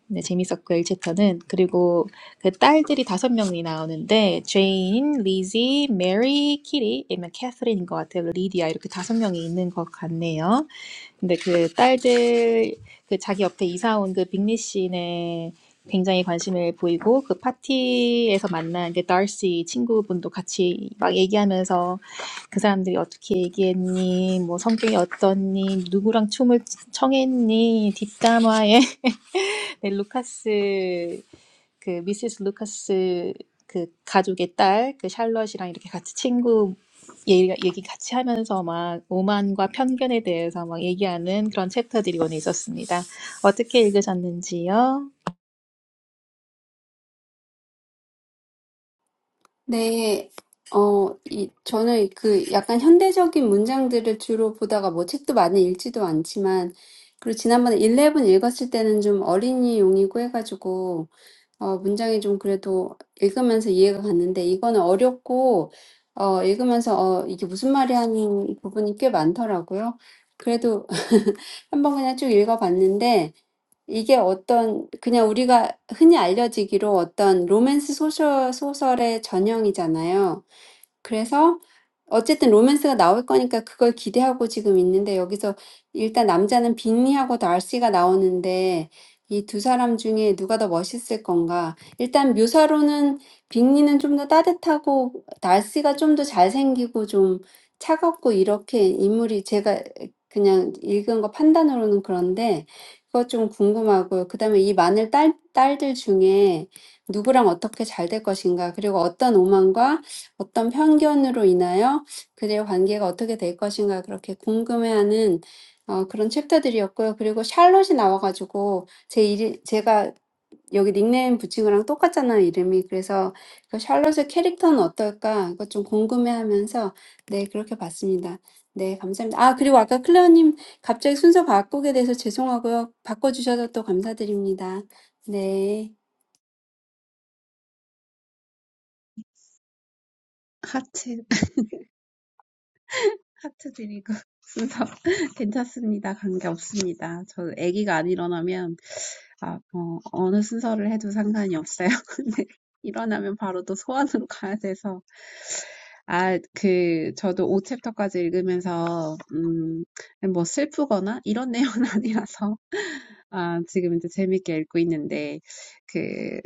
S1: 네, 재밌었고요, 1챕터는. 그리고 그 딸들이 다섯 명이 나오는데, 제인, 리지, 메리, 키리, 아니면 캐서린인 것 같아요. 리디아, 이렇게 다섯 명이 있는 것 같네요. 근데 그 딸들, 그 자기 옆에 이사 온 그 빅리 씨네 굉장히 관심을 보이고, 그 파티에서 만난 그 달시 친구분도 같이 막 얘기하면서 그 사람들이 어떻게 얘기했니, 뭐 성격이 어떻니, 누구랑 춤을 청했니, 뒷담화에 네, 루카스 그 미세스 루카스 그 가족의 딸 그 샬럿이랑 이렇게 같이 친구 얘기, 얘기 같이 하면서 막 오만과 편견에 대해서 막 얘기하는 그런 챕터들이 오늘 있었습니다. 어떻게 읽으셨는지요?
S2: 네, 어, 이, 저는 그 약간 현대적인 문장들을 주로 보다가 뭐 책도 많이 읽지도 않지만, 그리고 지난번에 일레븐 읽었을 때는 좀 어린이용이고 해가지고, 어, 문장이 좀 그래도 읽으면서 이해가 갔는데, 이거는 어렵고, 어, 읽으면서, 어, 이게 무슨 말이 하는 부분이 꽤 많더라고요. 그래도 한번 그냥 쭉 읽어봤는데, 이게 어떤 그냥 우리가 흔히 알려지기로 어떤 로맨스 소설 소설의 전형이잖아요. 그래서 어쨌든 로맨스가 나올 거니까 그걸 기대하고 지금 있는데 여기서 일단 남자는 빅리하고 달시가 나오는데 이두 사람 중에 누가 더 멋있을 건가? 일단 묘사로는 빅리는 좀더 따뜻하고 달시가 좀더 잘생기고 좀 차갑고 이렇게 인물이 제가 그냥 읽은 거 판단으로는 그런데 그것 좀 궁금하고요. 그다음에 이 마늘 딸, 딸들 중에 누구랑 어떻게 잘될 것인가? 그리고 어떤 오만과 어떤 편견으로 인하여 그들의 관계가 어떻게 될 것인가 그렇게 궁금해하는 어, 그런 챕터들이었고요. 그리고 샬롯이 나와가지고 제 이름, 제가 여기 닉네임 붙인 거랑 똑같잖아요, 이름이. 그래서 그 샬롯의 캐릭터는 어떨까? 이거 좀 궁금해하면서 네, 그렇게 봤습니다. 네, 감사합니다. 아, 그리고 아까 클레어님 갑자기 순서 바꾸게 돼서 죄송하고요. 바꿔주셔서 또 감사드립니다. 네.
S3: 하트, 하트 드리고 순서 괜찮습니다. 관계 없습니다. 저 아기가 안 일어나면, 아, 어, 어느 순서를 해도 상관이 없어요. 근데 일어나면 바로 또 소원으로 가야 돼서. 아, 그, 저도 오 챕터까지 읽으면서, 음, 뭐 슬프거나 이런 내용은 아니라서, 아, 지금 이제 재밌게 읽고 있는데, 그,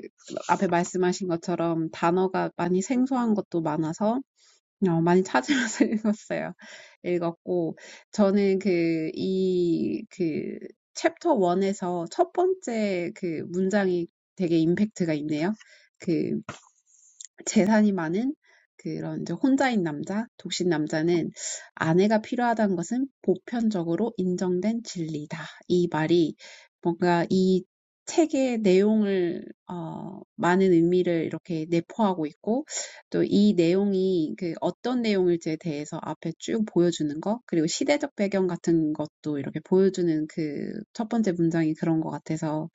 S3: 앞에 말씀하신 것처럼 단어가 많이 생소한 것도 많아서, 어, 많이 찾으면서 읽었어요. 읽었고, 저는 그, 이, 그, 챕터 1에서 첫 번째 그 문장이 되게 임팩트가 있네요. 그 재산이 많은 그런 이제 혼자인 남자, 독신 남자는 아내가 필요하다는 것은 보편적으로 인정된 진리다. 이 말이 뭔가 이 책의 내용을 어, 많은 의미를 이렇게 내포하고 있고 또 이 내용이 그 어떤 내용일지에 대해서 앞에 쭉 보여주는 것 그리고 시대적 배경 같은 것도 이렇게 보여주는 그 첫 번째 문장이 그런 것 같아서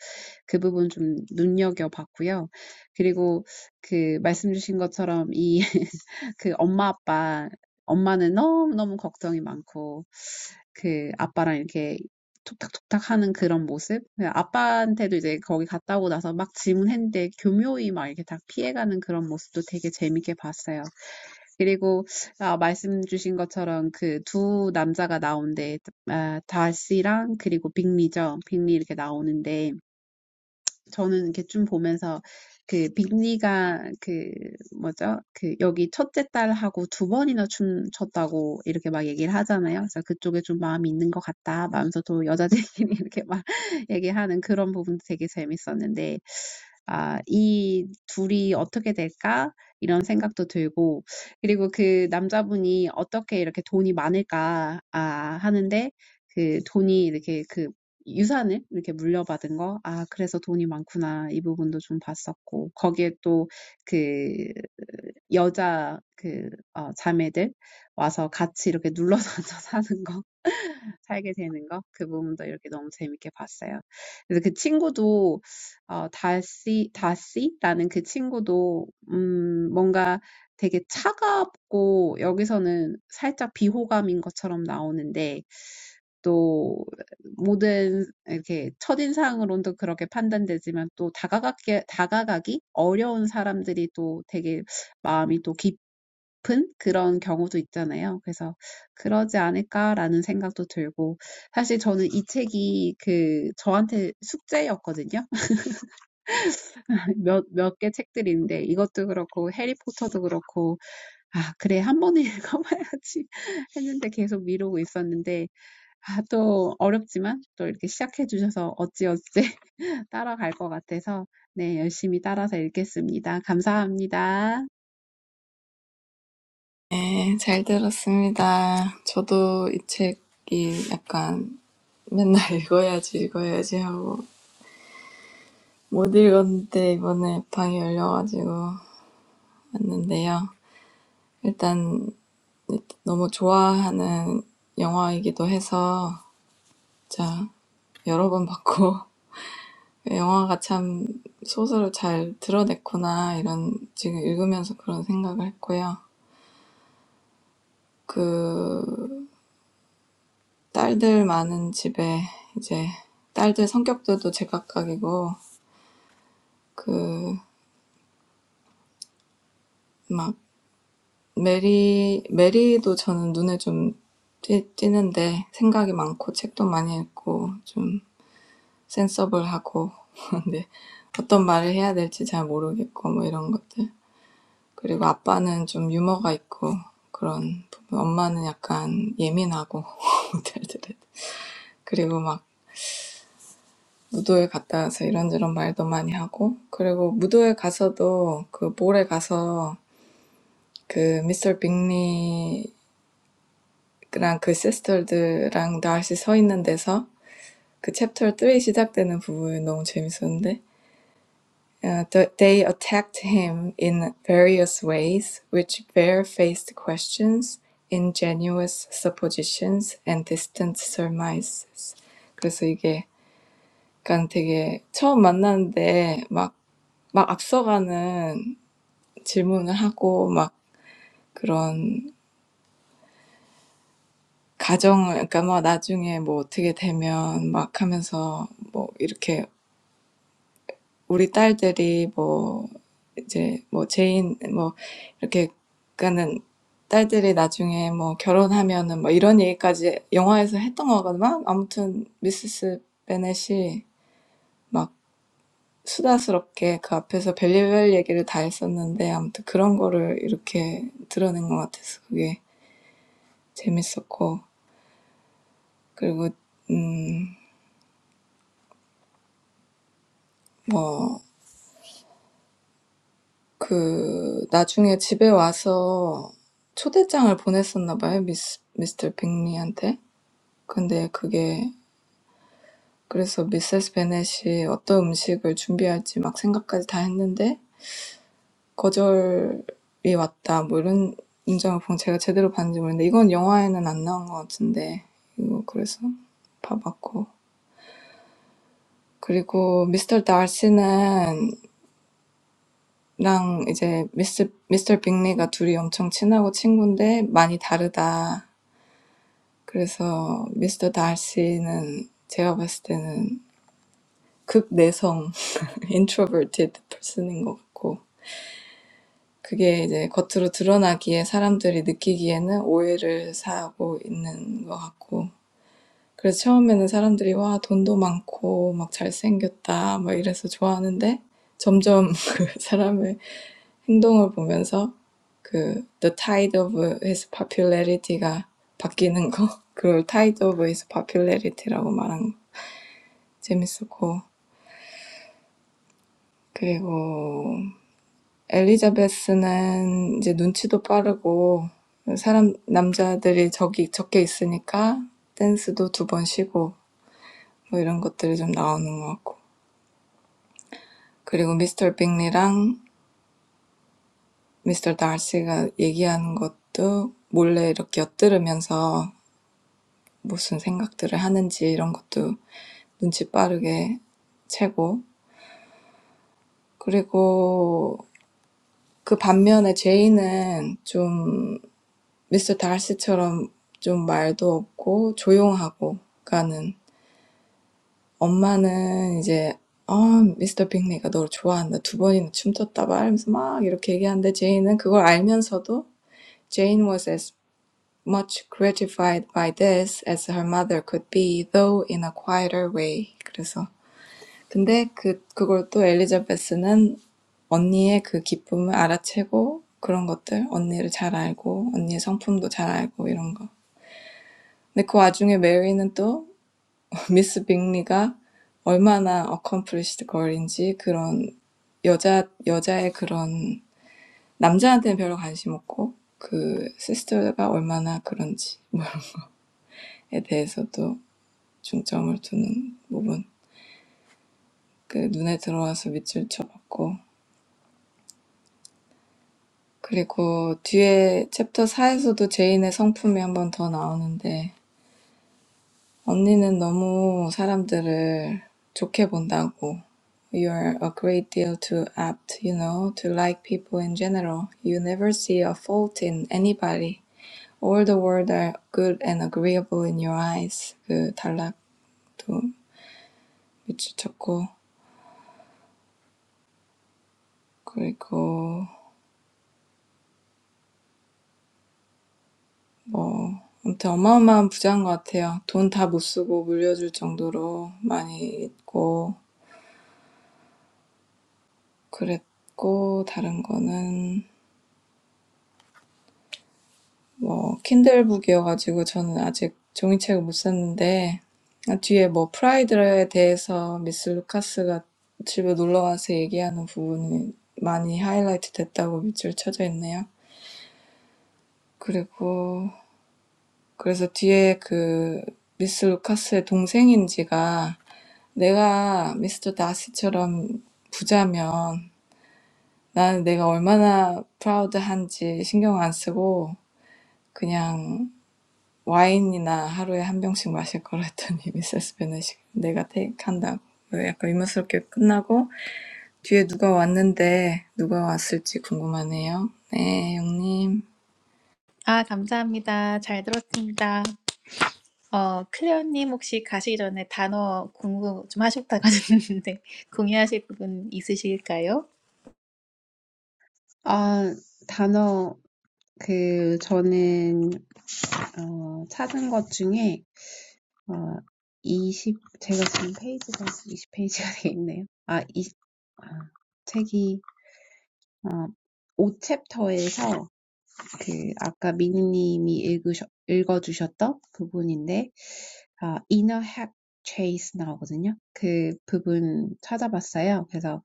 S3: 그 부분 좀 눈여겨봤고요. 그리고 그 말씀 주신 것처럼 이 그 엄마 아빠 엄마는 너무너무 걱정이 많고 그 아빠랑 이렇게 톡탁톡탁 하는 그런 모습 아빠한테도 이제 거기 갔다 오고 나서 막 질문했는데 교묘히 막 이렇게 다 피해가는 그런 모습도 되게 재밌게 봤어요. 그리고 아, 말씀 주신 것처럼 그 두 남자가 나오는데 아, 다시랑 그리고 빅리죠. 빅리 이렇게 나오는데 저는 이렇게 좀 보면서 그 빅리가 그 뭐죠? 그 여기 첫째 딸하고 두 번이나 춤췄다고 이렇게 막 얘기를 하잖아요. 그래서 그쪽에 좀 마음이 있는 것 같다. 하면서 또 여자들끼리 이렇게 막 얘기하는 그런 부분도 되게 재밌었는데, 아, 이 둘이 어떻게 될까? 이런 생각도 들고, 그리고 그 남자분이 어떻게 이렇게 돈이 많을까? 아, 하는데, 그 돈이 이렇게 그 유산을 이렇게 물려받은 거, 아, 그래서 돈이 많구나. 이 부분도 좀 봤었고, 거기에 또 그 여자 그, 어, 자매들 와서 같이 이렇게 눌러서 앉아 사는 거. 살게 되는 거. 그 부분도 이렇게 너무 재밌게 봤어요. 그래서 그 친구도, 어, 다시, 다시라는 그 친구도, 음, 뭔가 되게 차갑고, 여기서는 살짝 비호감인 것처럼 나오는데, 또, 모든, 이렇게, 첫인상으로도 그렇게 판단되지만, 또 다가가기, 다가가기 어려운 사람들이 또 되게 마음이 또 깊은 그런 경우도 있잖아요. 그래서 그러지 않을까라는 생각도 들고 사실 저는 이 책이 그 저한테 숙제였거든요. 몇, 몇 개 책들인데 이것도 그렇고 해리포터도 그렇고 아, 그래, 한 번에 읽어봐야지 했는데 계속 미루고 있었는데 아, 또 어렵지만 또 이렇게 시작해 주셔서 어찌어찌 따라갈 것 같아서 네, 열심히 따라서 읽겠습니다. 감사합니다.
S4: 네, 잘 들었습니다. 저도 이 책이 약간 맨날 읽어야지, 읽어야지 하고 못 읽었는데 이번에 방이 열려가지고 왔는데요. 일단 너무 좋아하는 영화이기도 해서 자, 여러 번 봤고 영화가 참 소설을 잘 드러냈구나 이런 지금 읽으면서 그런 생각을 했고요. 그 딸들 많은 집에 이제 딸들 성격들도 제각각이고 그막 메리 메리도 저는 눈에 좀 띄, 띄는데 생각이 많고 책도 많이 읽고 좀 센서블하고 근데 어떤 말을 해야 될지 잘 모르겠고 뭐 이런 것들 그리고 아빠는 좀 유머가 있고 그런 부분 엄마는 약간 예민하고 딸들은 그리고 막 무도회 갔다 와서 이런저런 말도 많이 하고, 그리고 무도회 가서도 그 볼에 가서 그 미스터 빅리랑 그 시스터들랑 나시 서 있는 데서 그 챕터 3 시작되는 부분 너무 재밌었는데, 어, They attacked him in various ways, which barefaced questions, ingenuous suppositions, and distant surmises. 그래서 이게 약간 되게 처음 만났는데 막 막 앞서가는 질문을 하고 막 그런 가정을 그러니까 막 나중에 뭐 어떻게 되면 막 하면서 뭐 이렇게 우리 딸들이 뭐 이제 뭐 제인 뭐 이렇게 그러니까는 딸들이 나중에 뭐 결혼하면은 뭐 이런 얘기까지 영화에서 했던 거거든요. 아무튼 미세스 베넷이 막 수다스럽게 그 앞에서 별의별 얘기를 다 했었는데 아무튼 그런 거를 이렇게 드러낸 것 같아서 그게 재밌었고 그리고 음, 뭐, 그, 나중에 집에 와서 초대장을 보냈었나 봐요, 미스, 미스터 빅리한테. 근데 그게, 그래서 미세스 베넷이 어떤 음식을 준비할지 막 생각까지 다 했는데, 거절이 왔다, 뭐 이런 문장을 보면 제가 제대로 봤는지 모르겠는데, 이건 영화에는 안 나온 것 같은데, 이거 그래서 봐봤고. 그리고 미스터 다시는 랑 이제 미스, 미스터 빅리가 둘이 엄청 친하고 친군데 많이 다르다. 그래서 미스터 달시는 제가 봤을 때는 극내성, introverted person인 것 같고 그게 이제 겉으로 드러나기에 사람들이 느끼기에는 오해를 사고 있는 것 같고 그래서 처음에는 사람들이 와 돈도 많고 막 잘생겼다 막 이래서 좋아하는데 점점 그 사람의 행동을 보면서 그 The Tide of His Popularity가 바뀌는 거 그걸 Tide of His Popularity라고 말한 거 재밌었고 그리고 엘리자베스는 이제 눈치도 빠르고 사람 남자들이 적이 적게 있으니까 댄스도 두번 쉬고 뭐 이런 것들이 좀 나오는 것 같고 그리고 미스터 빅리랑 미스터 다시가 얘기하는 것도 몰래 이렇게 엿들으면서 무슨 생각들을 하는지 이런 것도 눈치 빠르게 채고 그리고 그 반면에 Jane는 좀 Mr. Darcy처럼 좀 말도 없고 조용하고 가는 엄마는 이제 Mr. Bennet가 너를 좋아한다 두 번이나 춤췄다 말하면서 막 이렇게 얘기한데 Jane는 그걸 알면서도 Jane was as much gratified by this as her mother could be, though in a quieter way. 그래서 근데 그 그걸 또 엘리자베스는 언니의 그 기쁨을 알아채고 그런 것들 언니를 잘 알고 언니의 성품도 잘 알고 이런 거. 근데 그 와중에 메리는 또 미스 빅리가 얼마나 어컴플리시드 걸인지 그런 여자 여자의 그런 남자한테는 별로 관심 없고 그 시스터가 얼마나 그런지 뭐에 대해서도 중점을 두는 부분. 그 눈에 들어와서 밑줄 쳐봤고 그리고 뒤에 챕터 4에서도 제인의 성품이 한번더 나오는데 언니는 너무 사람들을 좋게 본다고. You're a great deal too apt, you know, to like people in general. You never see a fault in anybody. All the world are good and agreeable in your eyes. 그 단락도 미치쳤고 그리고 뭐 아무튼 어마어마한 부자인 것 같아요. 돈 다 못 쓰고 물려줄 정도로 많이 있고 그랬고 다른 거는 뭐 킨들북이어가지고 저는 아직 종이책을 못 샀는데 뒤에 뭐 프라이드에 대해서 미스 루카스가 집에 놀러 와서 얘기하는 부분이 많이 하이라이트 됐다고 밑줄 쳐져 있네요. 그리고 그래서 뒤에 그 미스 루카스의 동생인지가 내가 미스터 다시처럼 부자면 나는 내가 얼마나 프라우드한지 신경 안 쓰고 그냥 와인이나 하루에 한 병씩 마실 거라 했더니 미세스 베넷이 내가 테이크한다고 약간 의문스럽게 끝나고 뒤에 누가 왔는데 누가 왔을지 궁금하네요. 네, 영님.
S1: 아, 감사합니다. 잘 들었습니다. 어, 클레어님 혹시 가시기 전에 단어 공부 좀 하셨다고 하셨는데 공유하실 부분 있으실까요?
S3: 아, 단어 그 저는 어, 찾은 것 중에 어, 20, 제가 지금 페이지가 이십 페이지가 돼 있네요. 아, 이, 아, 책이, 어, 5챕터에서 그, 아까 미니님이 읽으셔, 읽어주셨던 부분인데, 아, inner hack chase 나오거든요. 그 부분 찾아봤어요. 그래서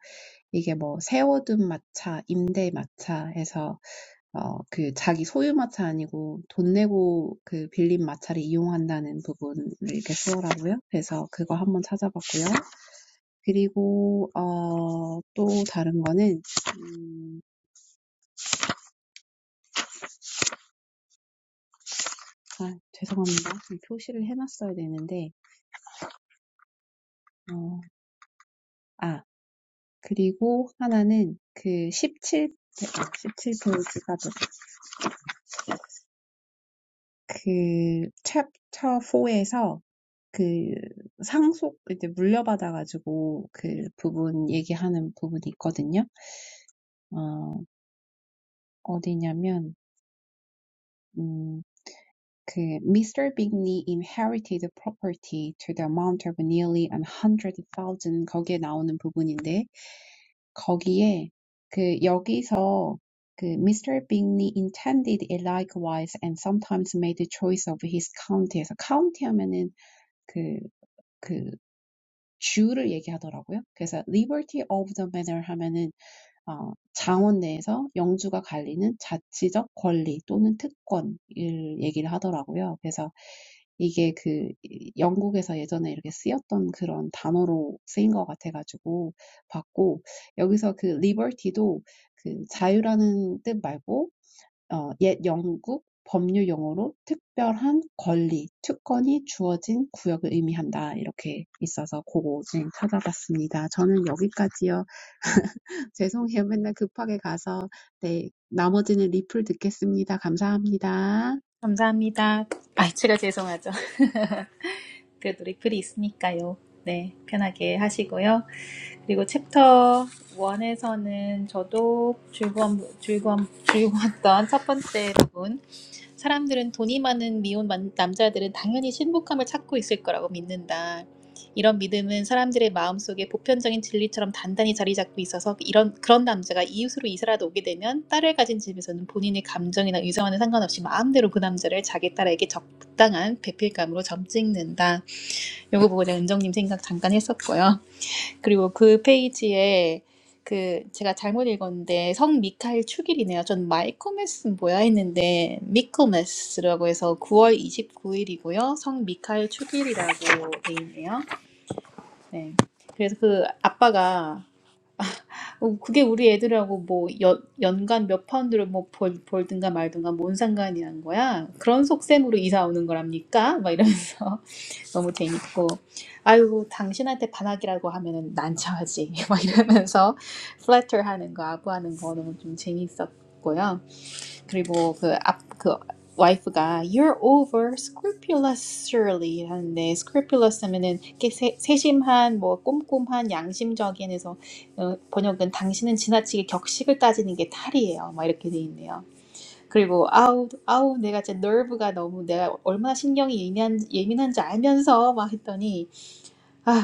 S3: 이게 뭐, 세워둔 마차, 임대 마차에서 어, 그 자기 소유 마차 아니고 돈 내고 그 빌린 마차를 이용한다는 부분을 이렇게 쓰더라고요. 그래서 그거 한번 찾아봤고요. 그리고 어, 또 다른 거는 음, 아, 죄송합니다. 표시를 해놨어야 되는데 어, 아 그리고 하나는 그 17, 17페이지가 그 챕터 4에서 그 상속 이제 물려받아 가지고 그 부분 얘기하는 부분이 있거든요. 어, 어디냐면 음, 그 Mr. Bigney inherited property to the amount of nearly 100,000 거기에 나오는 부분인데 거기에 그 여기서 그 Mr. Bigney intended it likewise and sometimes made the choice of his county. 에서 county 하면은 그, 그 주를 얘기하더라고요. 그래서 liberty of the manor 하면은 어, 자원 내에서 영주가 갈리는 자치적 권리 또는 특권을 얘기를 하더라고요. 그래서 이게 그 영국에서 예전에 이렇게 쓰였던 그런 단어로 쓰인 것 같아가지고 봤고 여기서 그 liberty도 그 자유라는 뜻 말고 어, 옛 영국 법률 용어로 특별한 권리, 특권이 주어진 구역을 의미한다. 이렇게 있어서 그거 좀 찾아봤습니다. 저는 여기까지요. 죄송해요. 맨날 급하게 가서. 네, 나머지는 리플 듣겠습니다. 감사합니다.
S1: 감사합니다. 아, 제가 죄송하죠. 그래도리플이 있으니까요. 네, 편하게 하시고요. 그리고 챕터 1에서는 저도 즐거운, 즐거운, 즐거웠던 첫 번째 부분. 사람들은 돈이 많은 미혼 남자들은 당연히 신복함을 찾고 있을 거라고 믿는다. 이런 믿음은 사람들의 마음속에 보편적인 진리처럼 단단히 자리 잡고 있어서 이런 그런 남자가 이웃으로 이사라도 오게 되면 딸을 가진 집에서는 본인의 감정이나 의사와는 상관없이 마음대로 그 남자를 자기 딸에게 적당한 배필감으로 점찍는다. 요거 보고 제가 은정님 생각 잠깐 했었고요. 그리고 그 페이지에 그 제가 잘못 읽었는데 성 미카엘 축일이네요. 전 마이코메스 뭐야 했는데 미코메스라고 해서 9월 29일이고요. 성 미카엘 축일이라고 돼 있네요. 네. 그래서 그 아빠가 어, 그게 우리 애들하고 뭐 연, 연간 몇 파운드를 뭐 벌, 벌든가 말든가 뭔 상관이 난 거야? 그런 속셈으로 이사 오는 거랍니까? 막 이러면서 너무 재밌고 아유 당신한테 반항이라고 하면은 난처하지 막 이러면서 플래터 하는 거 아부하는 거 너무 좀 재밌었고요 그리고 그 앞 그 와이프가 you're over scrupulous surely 하는데 scrupulous 하면은 이렇게 세, 세심한 뭐 꼼꼼한 양심적인 해서 어, 번역은 당신은 지나치게 격식을 따지는 게 탈이에요 막 이렇게 돼 있네요 그리고 아우 아우 내가 진짜 너브가 너무 내가 얼마나 신경이 예민한 예민한지 알면서 막 했더니 아휴,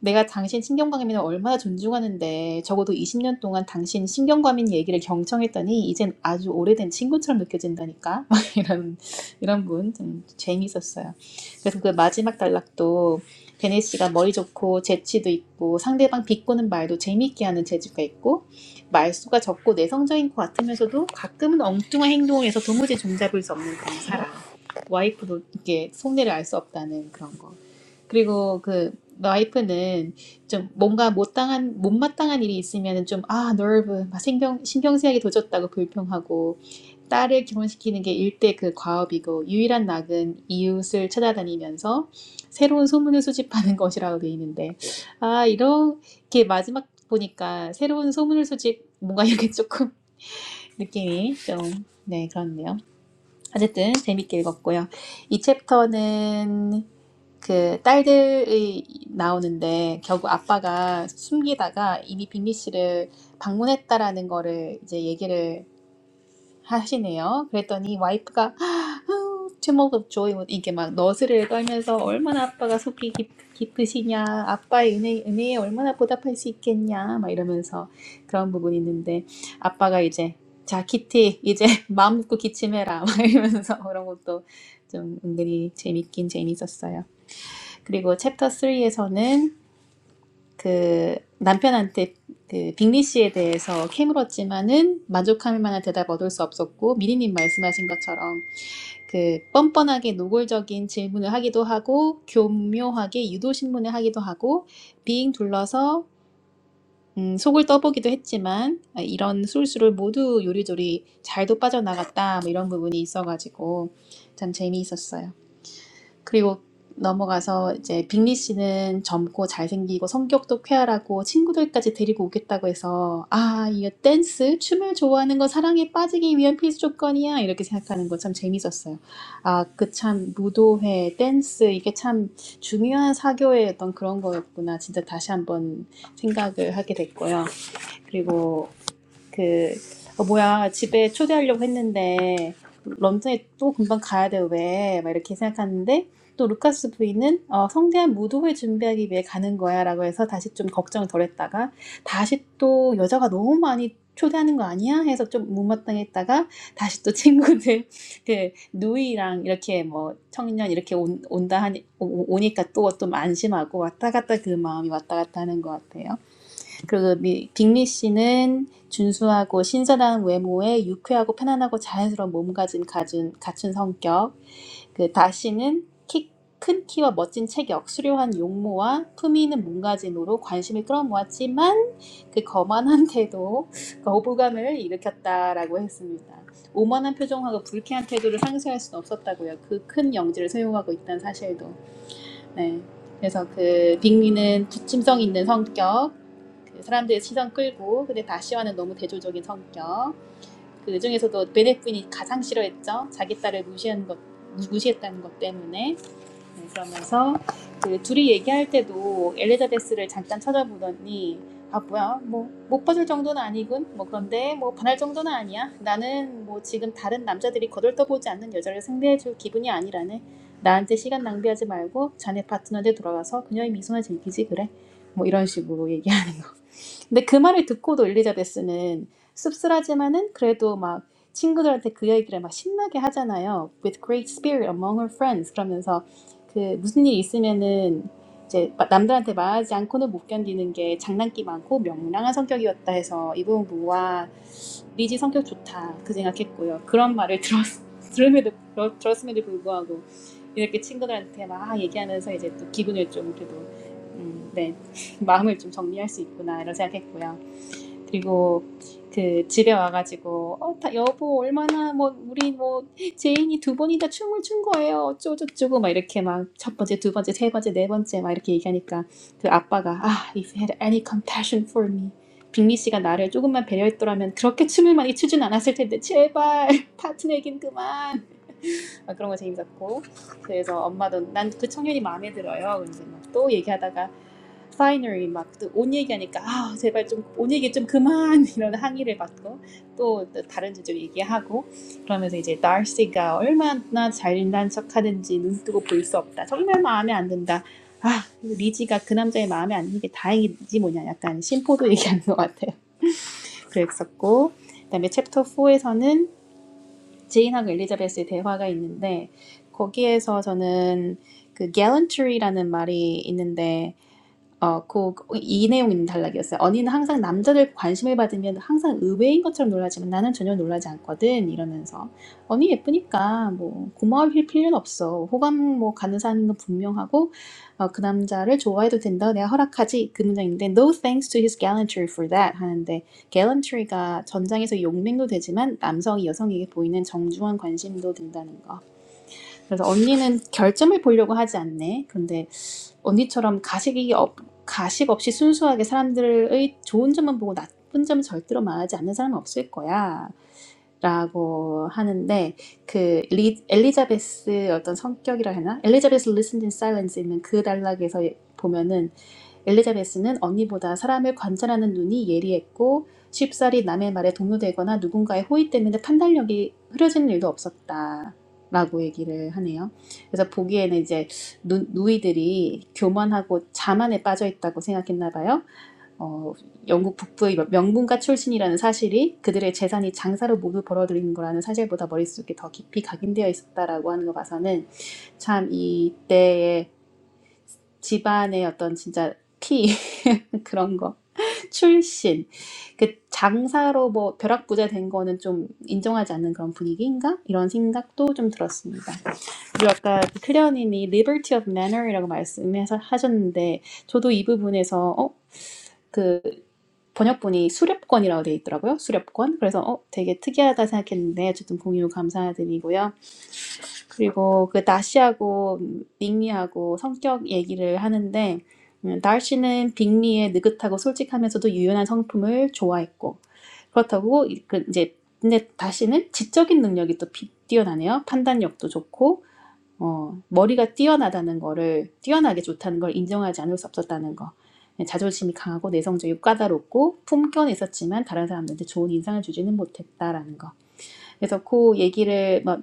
S1: 내가 당신 신경과민을 얼마나 존중하는데 적어도 20년 동안 당신 신경과민 얘기를 경청했더니 이젠 아주 오래된 친구처럼 느껴진다니까 이런 이런 분 좀 재미있었어요. 그래서 그 마지막 단락도 베네 씨가 머리 좋고 재치도 있고 상대방 비꼬는 말도 재미있게 하는 재주가 있고 말수가 적고 내성적인 것 같으면서도 가끔은 엉뚱한 행동에서 도무지 종잡을 수 없는 그런 사람. 와이프도 이게 속내를 알 수 없다는 그런 거. 그리고 그 와이프는 좀 뭔가 못당한 못마땅한 일이 있으면은 좀아 너브 막 신경 신경쓰이게 도졌다고 불평하고 딸을 결혼시키는 게 일대 그 과업이고 유일한 낙은 이웃을 찾아다니면서 새로운 소문을 수집하는 것이라고 돼 있는데 아 이렇게 마지막 보니까 새로운 소문을 수집 뭔가 이렇게 조금 느낌이 좀 네 그렇네요. 어쨌든 재밌게 읽었고요. 이 챕터는 그 딸들이 나오는데 결국 아빠가 숨기다가 이미 빅리 씨를 방문했다라는 거를 이제 얘기를 하시네요. 그랬더니 와이프가 제목 없죠. 이게 막 너스를 떨면서 얼마나 아빠가 속이 깊, 깊으시냐, 아빠의 은혜, 은혜에 얼마나 보답할 수 있겠냐, 막 이러면서 그런 부분이 있는데 아빠가 이제 자 키티 이제 마음 먹고 기침해라 막 이러면서 그런 것도 좀 은근히 재밌긴 재밌었어요. 그리고 챕터 3에서는 그 남편한테 그 빅리 씨에 대해서 캐물었지만은 만족할 만한 대답 얻을 수 없었고 미리님 말씀하신 것처럼 그 뻔뻔하게 노골적인 질문을 하기도 하고 교묘하게 유도 신문을 하기도 하고 빙 둘러서 음, 속을 떠보기도 했지만 아, 이런 술수를 모두 요리조리 잘도 빠져나갔다 뭐 이런 부분이 있어가지고 참 재미있었어요. 그리고 넘어가서 이제 빅리 씨는 젊고 잘생기고 성격도 쾌활하고 친구들까지 데리고 오겠다고 해서 아, 이거 댄스, 춤을 좋아하는 건 사랑에 빠지기 위한 필수 조건이야. 이렇게 생각하는 거 참 재밌었어요. 아, 그 참 무도회, 댄스 이게 참 중요한 사교의 어떤 그런 거였구나. 진짜 다시 한번 생각을 하게 됐고요. 그리고 그, 어, 뭐야, 집에 초대하려고 했는데, 런던에 또 금방 가야 돼, 왜? 막 이렇게 생각하는데, 또 루카스 부인은 어, 성대한 무도회 준비하기 위해 가는 거야 라고 해서 다시 좀 걱정을 덜 했다가, 다시 또 여자가 너무 많이 초대하는 거 아니야? 해서 좀 못마땅했다가, 다시 또 친구들, 그, 누이랑 이렇게 뭐, 청년 이렇게 온, 온다 하니, 오, 오- 니까 또, 좀 안심하고 왔다 갔다 그 마음이 왔다 갔다 하는 것 같아요. 그리고 미- 빅리 씨는 준수하고 신선한 외모에 유쾌하고 편안하고 자연스러운 몸가짐 가진 갖춘 성격. 그 다씨는 키, 큰 키와 멋진 체격, 수려한 용모와 품위 있는 몸가짐으로 관심을 끌어모았지만 그 거만한 태도, 거부감을 일으켰다라고 했습니다. 오만한 표정하고 불쾌한 태도를 상쇄할 수는 없었다고요. 그 큰 영지를 소유하고 있다는 사실도. 네. 그래서 그 빅리는 부침성 있는 성격, 그 사람들의 시선 끌고 근데 다시와는 너무 대조적인 성격 그 중에서도 베넷부인이 가장 싫어했죠 자기 딸을 무시한 것 무- 시했다는것 때문에 네, 그러면서 그 둘이 얘기할 때도 엘리자베스를 잠깐 쳐다보더니 아 뭐야 뭐 못 봐줄 정도는 아니군 뭐 그런데 뭐 반할 정도는 아니야 나는 뭐 지금 다른 남자들이 거들떠보지 않는 여자를 상대해줄 기분이 아니라네 나한테 시간 낭비하지 말고 자네 파트너한테 돌아가서 그녀의 미소나 즐기지 그래 뭐 이런 식으로 얘기하 근데 그 말을 듣고도 엘리자베스는 씁쓸하지만은 그래도 막 친구들한테 그 얘기를 막 신나게 하잖아요. With great spirit among her friends 그러면서 그 무슨 일 있으면은 이제 남들한테 말하지 않고는 못 견디는 게 장난기 많고 명랑한 성격이었다 해서 이 부분 보고 와 리지 성격 좋다 그 생각했고요. 그런 말을 들었 들음에도 들었- 들었음에도 불구하고 이렇게 친구들한테 막 아, 얘기하면서 이제 또 기분을 좀 그래도 음, 네 마음을 좀 정리할 수 있구나 이런 생각했고요. 그리고 그 집에 와가지고 어, 다 여보 얼마나 뭐 우리 뭐 제인이 두 번이나 춤을 춘 거예요 어쩌고저쩌고 막 이렇게 막 첫 번째 두 번째 세 번째 네 번째 막 이렇게 얘기하니까 그 아빠가 아 if you had any compassion for me 빅리 씨가 나를 조금만 배려했더라면 그렇게 춤을 많이 추진 않았을 텐데 제발 파트너긴 그만 막 그런 거 재밌었고 그래서 엄마도 난 그 청년이 마음에 들어요. 그래 이제 막 또 얘기하다가 파이널리 막옷 얘기하니까 아 제발 좀 옷 얘기 좀 그만 이런 항의를 받고 또, 또 다른 주제 얘기하고 그러면서 이제 달시가 얼마나 잘난 척하는지 눈 뜨고 볼 수 없다 정말 마음에 안 든다 아 리지가 그 남자의 마음에 안 드는 게 다행이지 뭐냐 약간 심포도 얘기하는 것 같아요 그랬었고 그다음에 챕터 4에서는 제인하고 엘리자베스의 대화가 있는데 거기에서 저는 그 gallantry라는 말이 있는데 어, 그, 이 내용 있는 단락이었어요. 언니는 항상 남자들 관심을 받으면 항상 의외인 것처럼 놀라지만 나는 전혀 놀라지 않거든. 이러면서. 언니 예쁘니까 뭐 고마워할 필요는 없어. 호감 뭐 가는 사람인 건 분명하고, 어, 그 남자를 좋아해도 된다. 내가 허락하지. 그 문장인데, no thanks to his gallantry for that. 하는데, gallantry가 전장에서 용맹도 되지만 남성이 여성에게 보이는 정중한 관심도 된다는 거. 그래서 언니는 결점을 보려고 하지 않네. 근데 언니처럼 가식이 없, 가식 없이 순수하게 사람들의 좋은 점만 보고 나쁜 점은 절대로 말하지 않는 사람은 없을 거야. 라고 하는데 그 리, 엘리자베스 어떤 성격이라 해나 엘리자베스 리슨 e 사 c e 스 있는 그 단락에서 보면은 엘리자베스는 언니보다 사람을 관찰하는 눈이 예리했고 쉽사리 남의 말에 동요되거나 누군가의 호의 때문에 판단력이 흐려지는 일도 없었다. 라고 얘기를 하네요. 그래서 보기에는 이제 누, 누이들이 교만하고 자만에 빠져 있다고 생각했나 봐요. 어, 영국 북부의 명분가 출신이라는 사실이 그들의 재산이 장사로 모두 벌어들인 거라는 사실보다 머릿속에 더 깊이 각인되어 있었다라고 하는 거 봐서는 참 이때의 집안의 어떤 진짜 피 그런 거 출신 그 장사로 뭐 벼락부자 된 거는 좀 인정하지 않는 그런 분위기인가 이런 생각도 좀 들었습니다. 그리고 아까 그 클레어님이 liberty of manner이라고 말씀해서 하셨는데 저도 이 부분에서 어그 번역본이 수렵권이라고 되어 있더라고요. 수렵권. 그래서 어 되게 특이하다 생각했는데 어쨌든 공유 감사드리고요. 그리고 그 다시하고 빅리하고 성격 얘기를 하는데 음, 다시는 빅리의 느긋하고 솔직하면서도 유연한 성품을 좋아했고 그렇다고 이- 그 이제 근데 다시는 지적인 능력이 또 비- 뛰어나네요. 판단력도 좋고 어, 머리가 뛰어나다는 거를 뛰어나게 좋다는 걸 인정하지 않을 수 없었다는 거. 예, 자존심이 강하고 내성적이고 까다롭고 품격은 있었지만 다른 사람들한테 좋은 인상을 주지는 못했다라는 거. 그래서 그 얘기를 뭐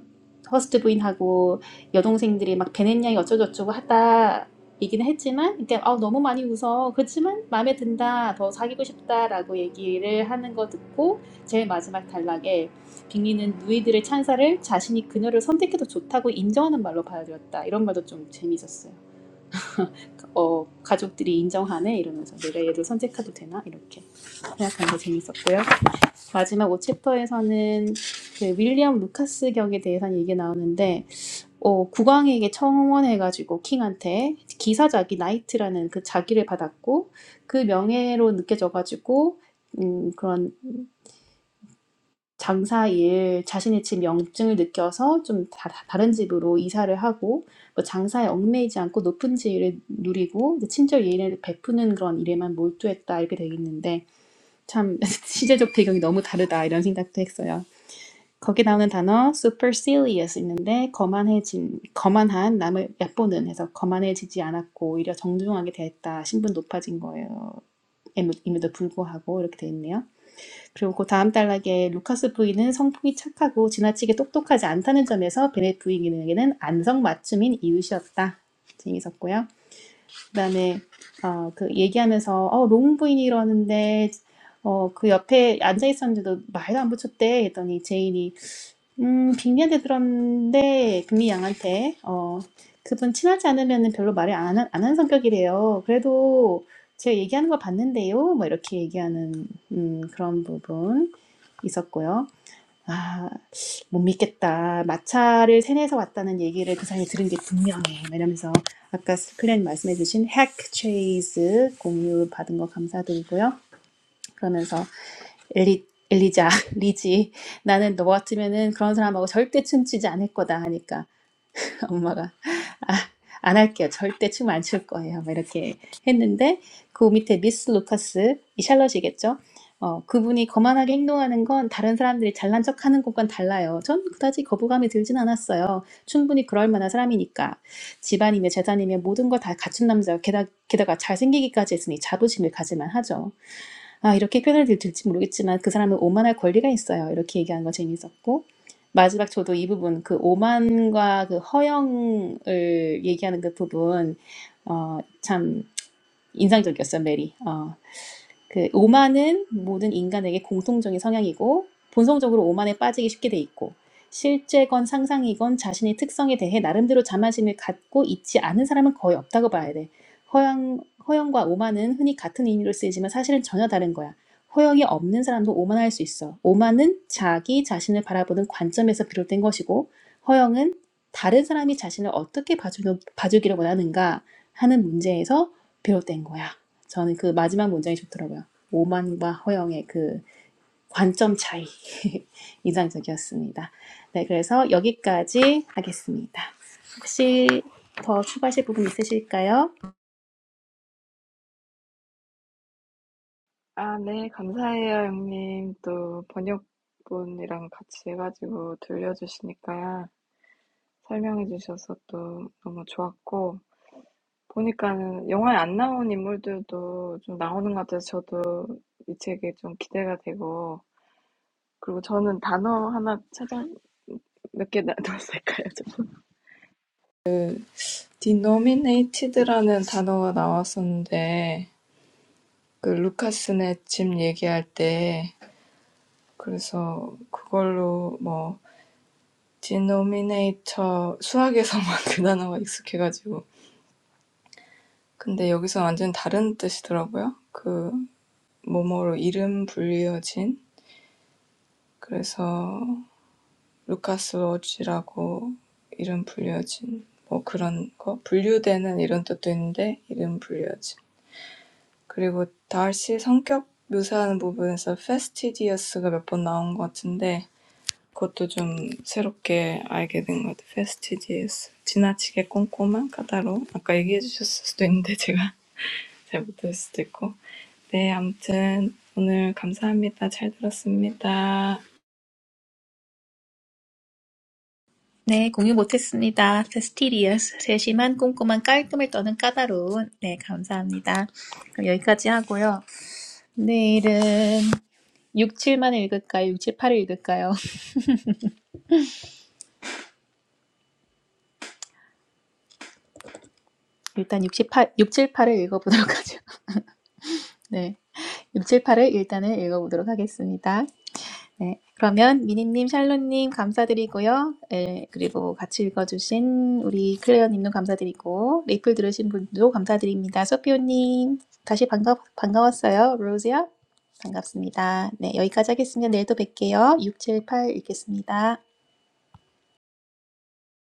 S1: 허스트 부인하고 여동생들이 막 베넷냥이 어쩌고저쩌고 하다 얘기는 했지만 그러니까 아, 너무 많이 웃어 그렇지만 마음에 든다 더 사귀고 싶다라고 얘기를 하는 거 듣고 제일 마지막 단락에 빅리는 누이들의 찬사를 자신이 그녀를 선택해도 좋다고 인정하는 말로 받아들였다 이런 말도 좀 재밌었어요 어 가족들이 인정하네 이러면서 내가 얘를 선택해도 되나 이렇게 생각하는 게 재밌었고요 마지막 5챕터에서는 그 윌리엄 루카스 격에 대해서는 얘기 나오는데 어, 국왕에게 청원해가지고 킹한테 기사자기 나이트라는 그 자기를 받았고 그 명예로 느껴져가지고 음, 그런 장사일 자신의 집 명증을 느껴서 좀 다, 다른 집으로 이사를 하고 뭐 장사에 얽매이지 않고 높은 지위를 누리고 이제 친절 예의를 베푸는 그런 일에만 몰두했다 이렇게 되어 있는데 참 시대적 배경이 너무 다르다 이런 생각도 했어요. 거기 나오는 단어 supercilious 있는데 거만해진 거만한 남을 얕보는 해서 거만해지지 않았고 오히려 정중하게 대했다 신분 높아진 거예요. 임에도 불구하고 이렇게 돼 있네요. 그리고 그 다음 단락에 루카스 부인은 성품이 착하고 지나치게 똑똑하지 않다는 점에서 베넷 부인에게는 안성맞춤인 이웃이었다. 재밌었고요. 그다음에 어, 그 얘기하면서 어, 롱 부인이 이러는데 어, 그 옆에 앉아 있었는데도 말도 안 붙였대 했더니 제인이 음, 빙의한테 들었는데, 금미 양한테, 어, 그분 친하지 않으면 별로 말을 안, 한안 성격이래요. 그래도 제가 얘기하는 걸 봤는데요. 뭐 이렇게 얘기하는, 음, 그런 부분 있었고요. 아, 못 믿겠다. 마차를 세뇌해서 왔다는 얘기를 그 사람이 들은 게 분명해. 뭐 이러면서 아까 클랜 말씀해주신 핵 트레이스 공유 받은 거 감사드리고요. 그러면서 엘리, 엘리자, 리지, 나는 너 같으면은 그런 사람하고 절대 춤추지 않을 거다 하니까 엄마가 아, 안 할게요. 절대 춤 안 출 거예요. 막 이렇게 했는데 그 밑에 미스 루카스, 이 샬럿이겠죠? 어, 그분이 거만하게 행동하는 건 다른 사람들이 잘난 척하는 것과는 달라요. 전 그다지 거부감이 들진 않았어요. 충분히 그럴 만한 사람이니까 집안이며 재산이며 모든 걸 다 갖춘 남자 게다가, 게다가 잘생기기까지 했으니 자부심을 가질만 하죠. 아, 이렇게 표현을 들- 들지 모르겠지만 그 사람은 오만할 권리가 있어요. 이렇게 얘기하는 거 재밌었고. 마지막 저도 이 부분, 그 오만과 그 허영을 얘기하는 그 부분, 어, 참 인상적이었어요, 메리. 어, 그 오만은 모든 인간에게 공통적인 성향이고 본성적으로 오만에 빠지기 쉽게 돼 있고 실제건 상상이건 자신의 특성에 대해 나름대로 자만심을 갖고 있지 않은 사람은 거의 없다고 봐야 돼. 허영, 허영과 오만은 흔히 같은 의미로 쓰이지만 사실은 전혀 다른 거야. 허영이 없는 사람도 오만할 수 있어. 오만은 자기 자신을 바라보는 관점에서 비롯된 것이고 허영은 다른 사람이 자신을 어떻게 봐주, 봐주기를 원하는가 하는 문제에서 비롯된 거야. 저는 그 마지막 문장이 좋더라고요. 오만과 허영의 그 관점 차이 인상적이었습니다. 네, 그래서 여기까지 하겠습니다. 혹시 더 추가하실 부분 있으실까요?
S4: 아, 네, 감사해요, 형님. 또 번역본이랑 같이 해가지고 들려주시니까요. 설명해주셔서 또 너무 좋았고, 보니까는 영화에 안 나온 인물들도 좀 나오는 것 같아서 저도 이 책이 좀 기대가 되고, 그리고 저는 단어 하나 찾아 몇 개 나왔을까요? 저 denominated라는 단어가 나왔었는데, 그 루카스네 집 얘기할 때, 그래서 그걸로 뭐, denominator, 수학에서만 그 단어가 익숙해가지고. 근데 여기서 완전 다른 뜻이더라고요. 그, 뭐뭐로 이름 불리어진. 그래서 루카스 워치라고 이름 불려진 뭐 그런 거 분류되는 이런 뜻도 있는데 이름 불려진 그리고 달시 성격 묘사하는 부분에서 fastidious,가 몇번 나온 것 같은데 그것도 좀 새롭게 알게 된것 같아요. fastidious 지나치게 꼼꼼한 까다로움 아까 얘기해 주셨을 수도 있는데 제가 잘 못할 수도 있고 네 아무튼 오늘 감사합니다. 잘 들었습니다.
S1: 네, 공유 못했습니다. 세스티리어스 세심한 꼼꼼한 깔끔을 떠는 까다로운. 네, 감사합니다. 그럼 여기까지 하고요. 내일은 6, 7만 읽을까요? 6, 7, 8을 읽을까요? 일단 6, 7, 8, 6, 7, 8을 읽어보도록 하죠. 네. 678을 일단은 읽어보도록 하겠습니다. 네. 그러면 미니님, 샬롯님 감사드리고요. 예, 그리고 같이 읽어주신 우리 클레어님도 감사드리고, 리플 들으신 분도 감사드립니다. 소피오님, 다시 반가, 반가웠어요. 로즈야, 반갑습니다. 네, 여기까지 하겠습니다. 내일 또 뵐게요. 678 읽겠습니다.